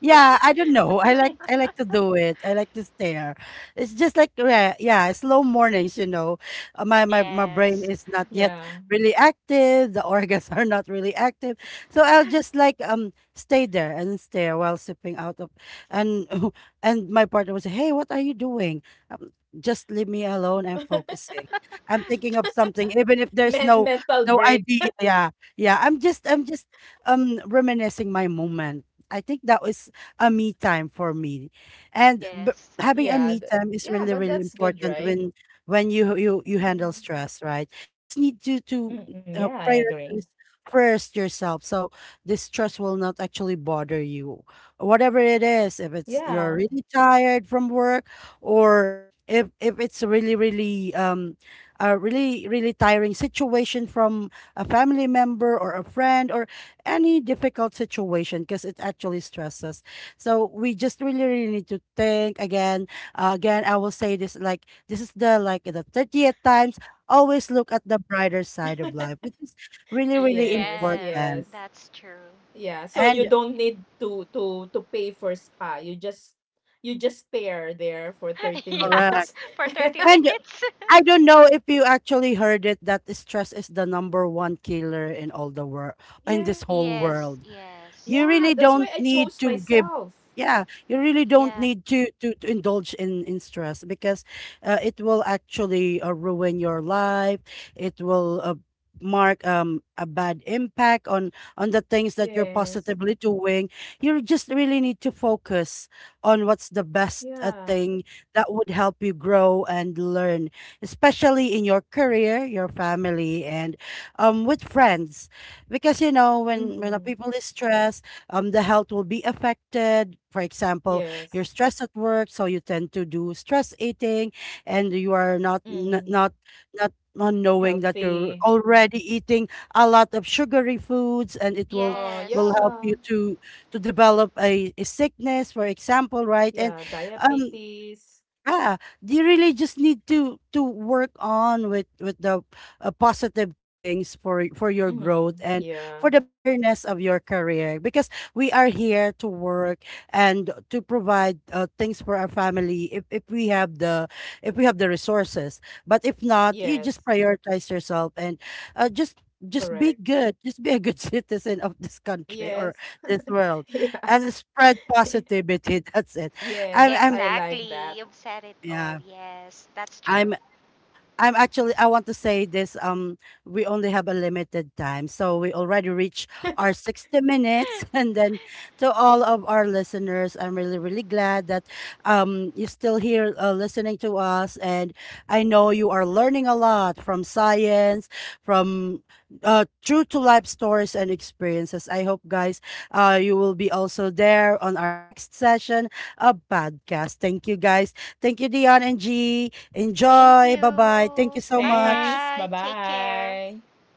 A: yeah, I don't know. I like I like to do it. I like to stare. It's just like, yeah, yeah, slow mornings, you know. Uh, My my my brain
C: Yes,
A: is not
B: Yeah.
A: yet really active. The organs are not really active. So I'll just like um stay there and stare while sipping out of and And my partner was, "Hey, what are you doing?" Um, just leave me alone. I'm focusing. I'm thinking of something, even if
B: Men
A: there's no
B: mental break.
A: no idea. Yeah, yeah. I'm just I'm just um reminiscing my moment. I think that was a me time for me. And b-
C: yes,
B: Yeah.
A: Having a
B: th-
A: me time
B: yeah,
A: is
B: but
A: really,
B: that's
A: really
B: good, right?
A: important when when you you you
B: Mm-mm.
A: handle stress, right? Just need to to
B: Mm-mm. Yeah, I
A: uh,
B: agree.
A: prioritize first yourself, so this stress will not actually bother you, whatever it is, if it's
B: Yeah.
A: you're really tired from work, or if if it's really really um a really really tiring situation from a family member or a friend or any difficult situation, because it actually stresses. So we just really, really need to think again. Uh, again, I will say this like this is the like the thirtieth times. Always look at the brighter side of life, which is really, really
B: Yes,
C: yes,
A: important.
B: yes.
C: that's true.
B: Yeah, so
A: And
B: you don't need to to to pay for spa. You just, you just stare there for thirty
C: Yeah,
A: correct.
B: minutes.
C: for thirty
A: And
C: minutes.
A: I don't know if you actually heard it that stress is the number one killer in all the world, in this
B: Yeah.
A: whole
C: Yes,
A: world.
C: yes.
A: You really
B: Yeah, that's
A: don't
B: why I
A: need
B: chose
A: to give,
B: myself.
A: yeah, you really don't
C: Yeah.
A: need to to, to indulge in in stress, because uh, it will actually uh, ruin your life. It will uh, mark um a bad impact on on the things that you're
B: Yes.
A: positively doing. You just really need to focus on what's the best uh,
B: Yeah.
A: thing that would help you grow and learn, especially in your career, your family, and um with friends. Because you know, when when a people
B: Mm.
A: is stressed, um the health will be affected. For example, you're
B: Yes.
A: stressed at work, so you tend to do stress eating, and you are not n- not
B: Mm.
A: not not knowing that you're
B: Healthy.
A: already eating a lot of sugary foods, and it will
B: Oh,
A: will
C: Yes.
A: help you
B: yeah.
A: to to develop a, a sickness, for example, right? And
B: Yeah.
A: um
B: Diabetes.
A: yeah, you really just need to to work on with with the uh, positive things for for your growth and
B: Mm.
A: for the
B: Yeah.
A: betterness of your career, because we are here to work and to provide uh, things for our family, if if we have the, if we have the resources. But if not, you just
B: Yes.
A: prioritize yourself and uh, just just be
B: Correct.
A: good. Just be a good citizen of this country or
B: Yes.
A: this world, and
B: Yeah.
A: spread positivity. That's it. I'm I'm
B: Yes. I like
C: Exactly. You've
B: that.
C: said it all.
A: yeah.
C: Yes, that's true.
A: I'm I'm actually I want to say this, um we only have a limited time, so we already reached our sixty minutes, and then to all of our listeners, I'm really really glad that um you're still here uh, listening to us. And I know you are learning a lot from science, from uh true to life stories and experiences. I hope guys uh you will be also there on our next session of podcast. Thank you guys. Thank you, Dion and G.
C: Thank
A: Enjoy. Bye bye. Thank you
C: you.
A: so
C: Bye
A: much.
C: bye.
B: Thanks. Bye
C: Take care.
B: bye.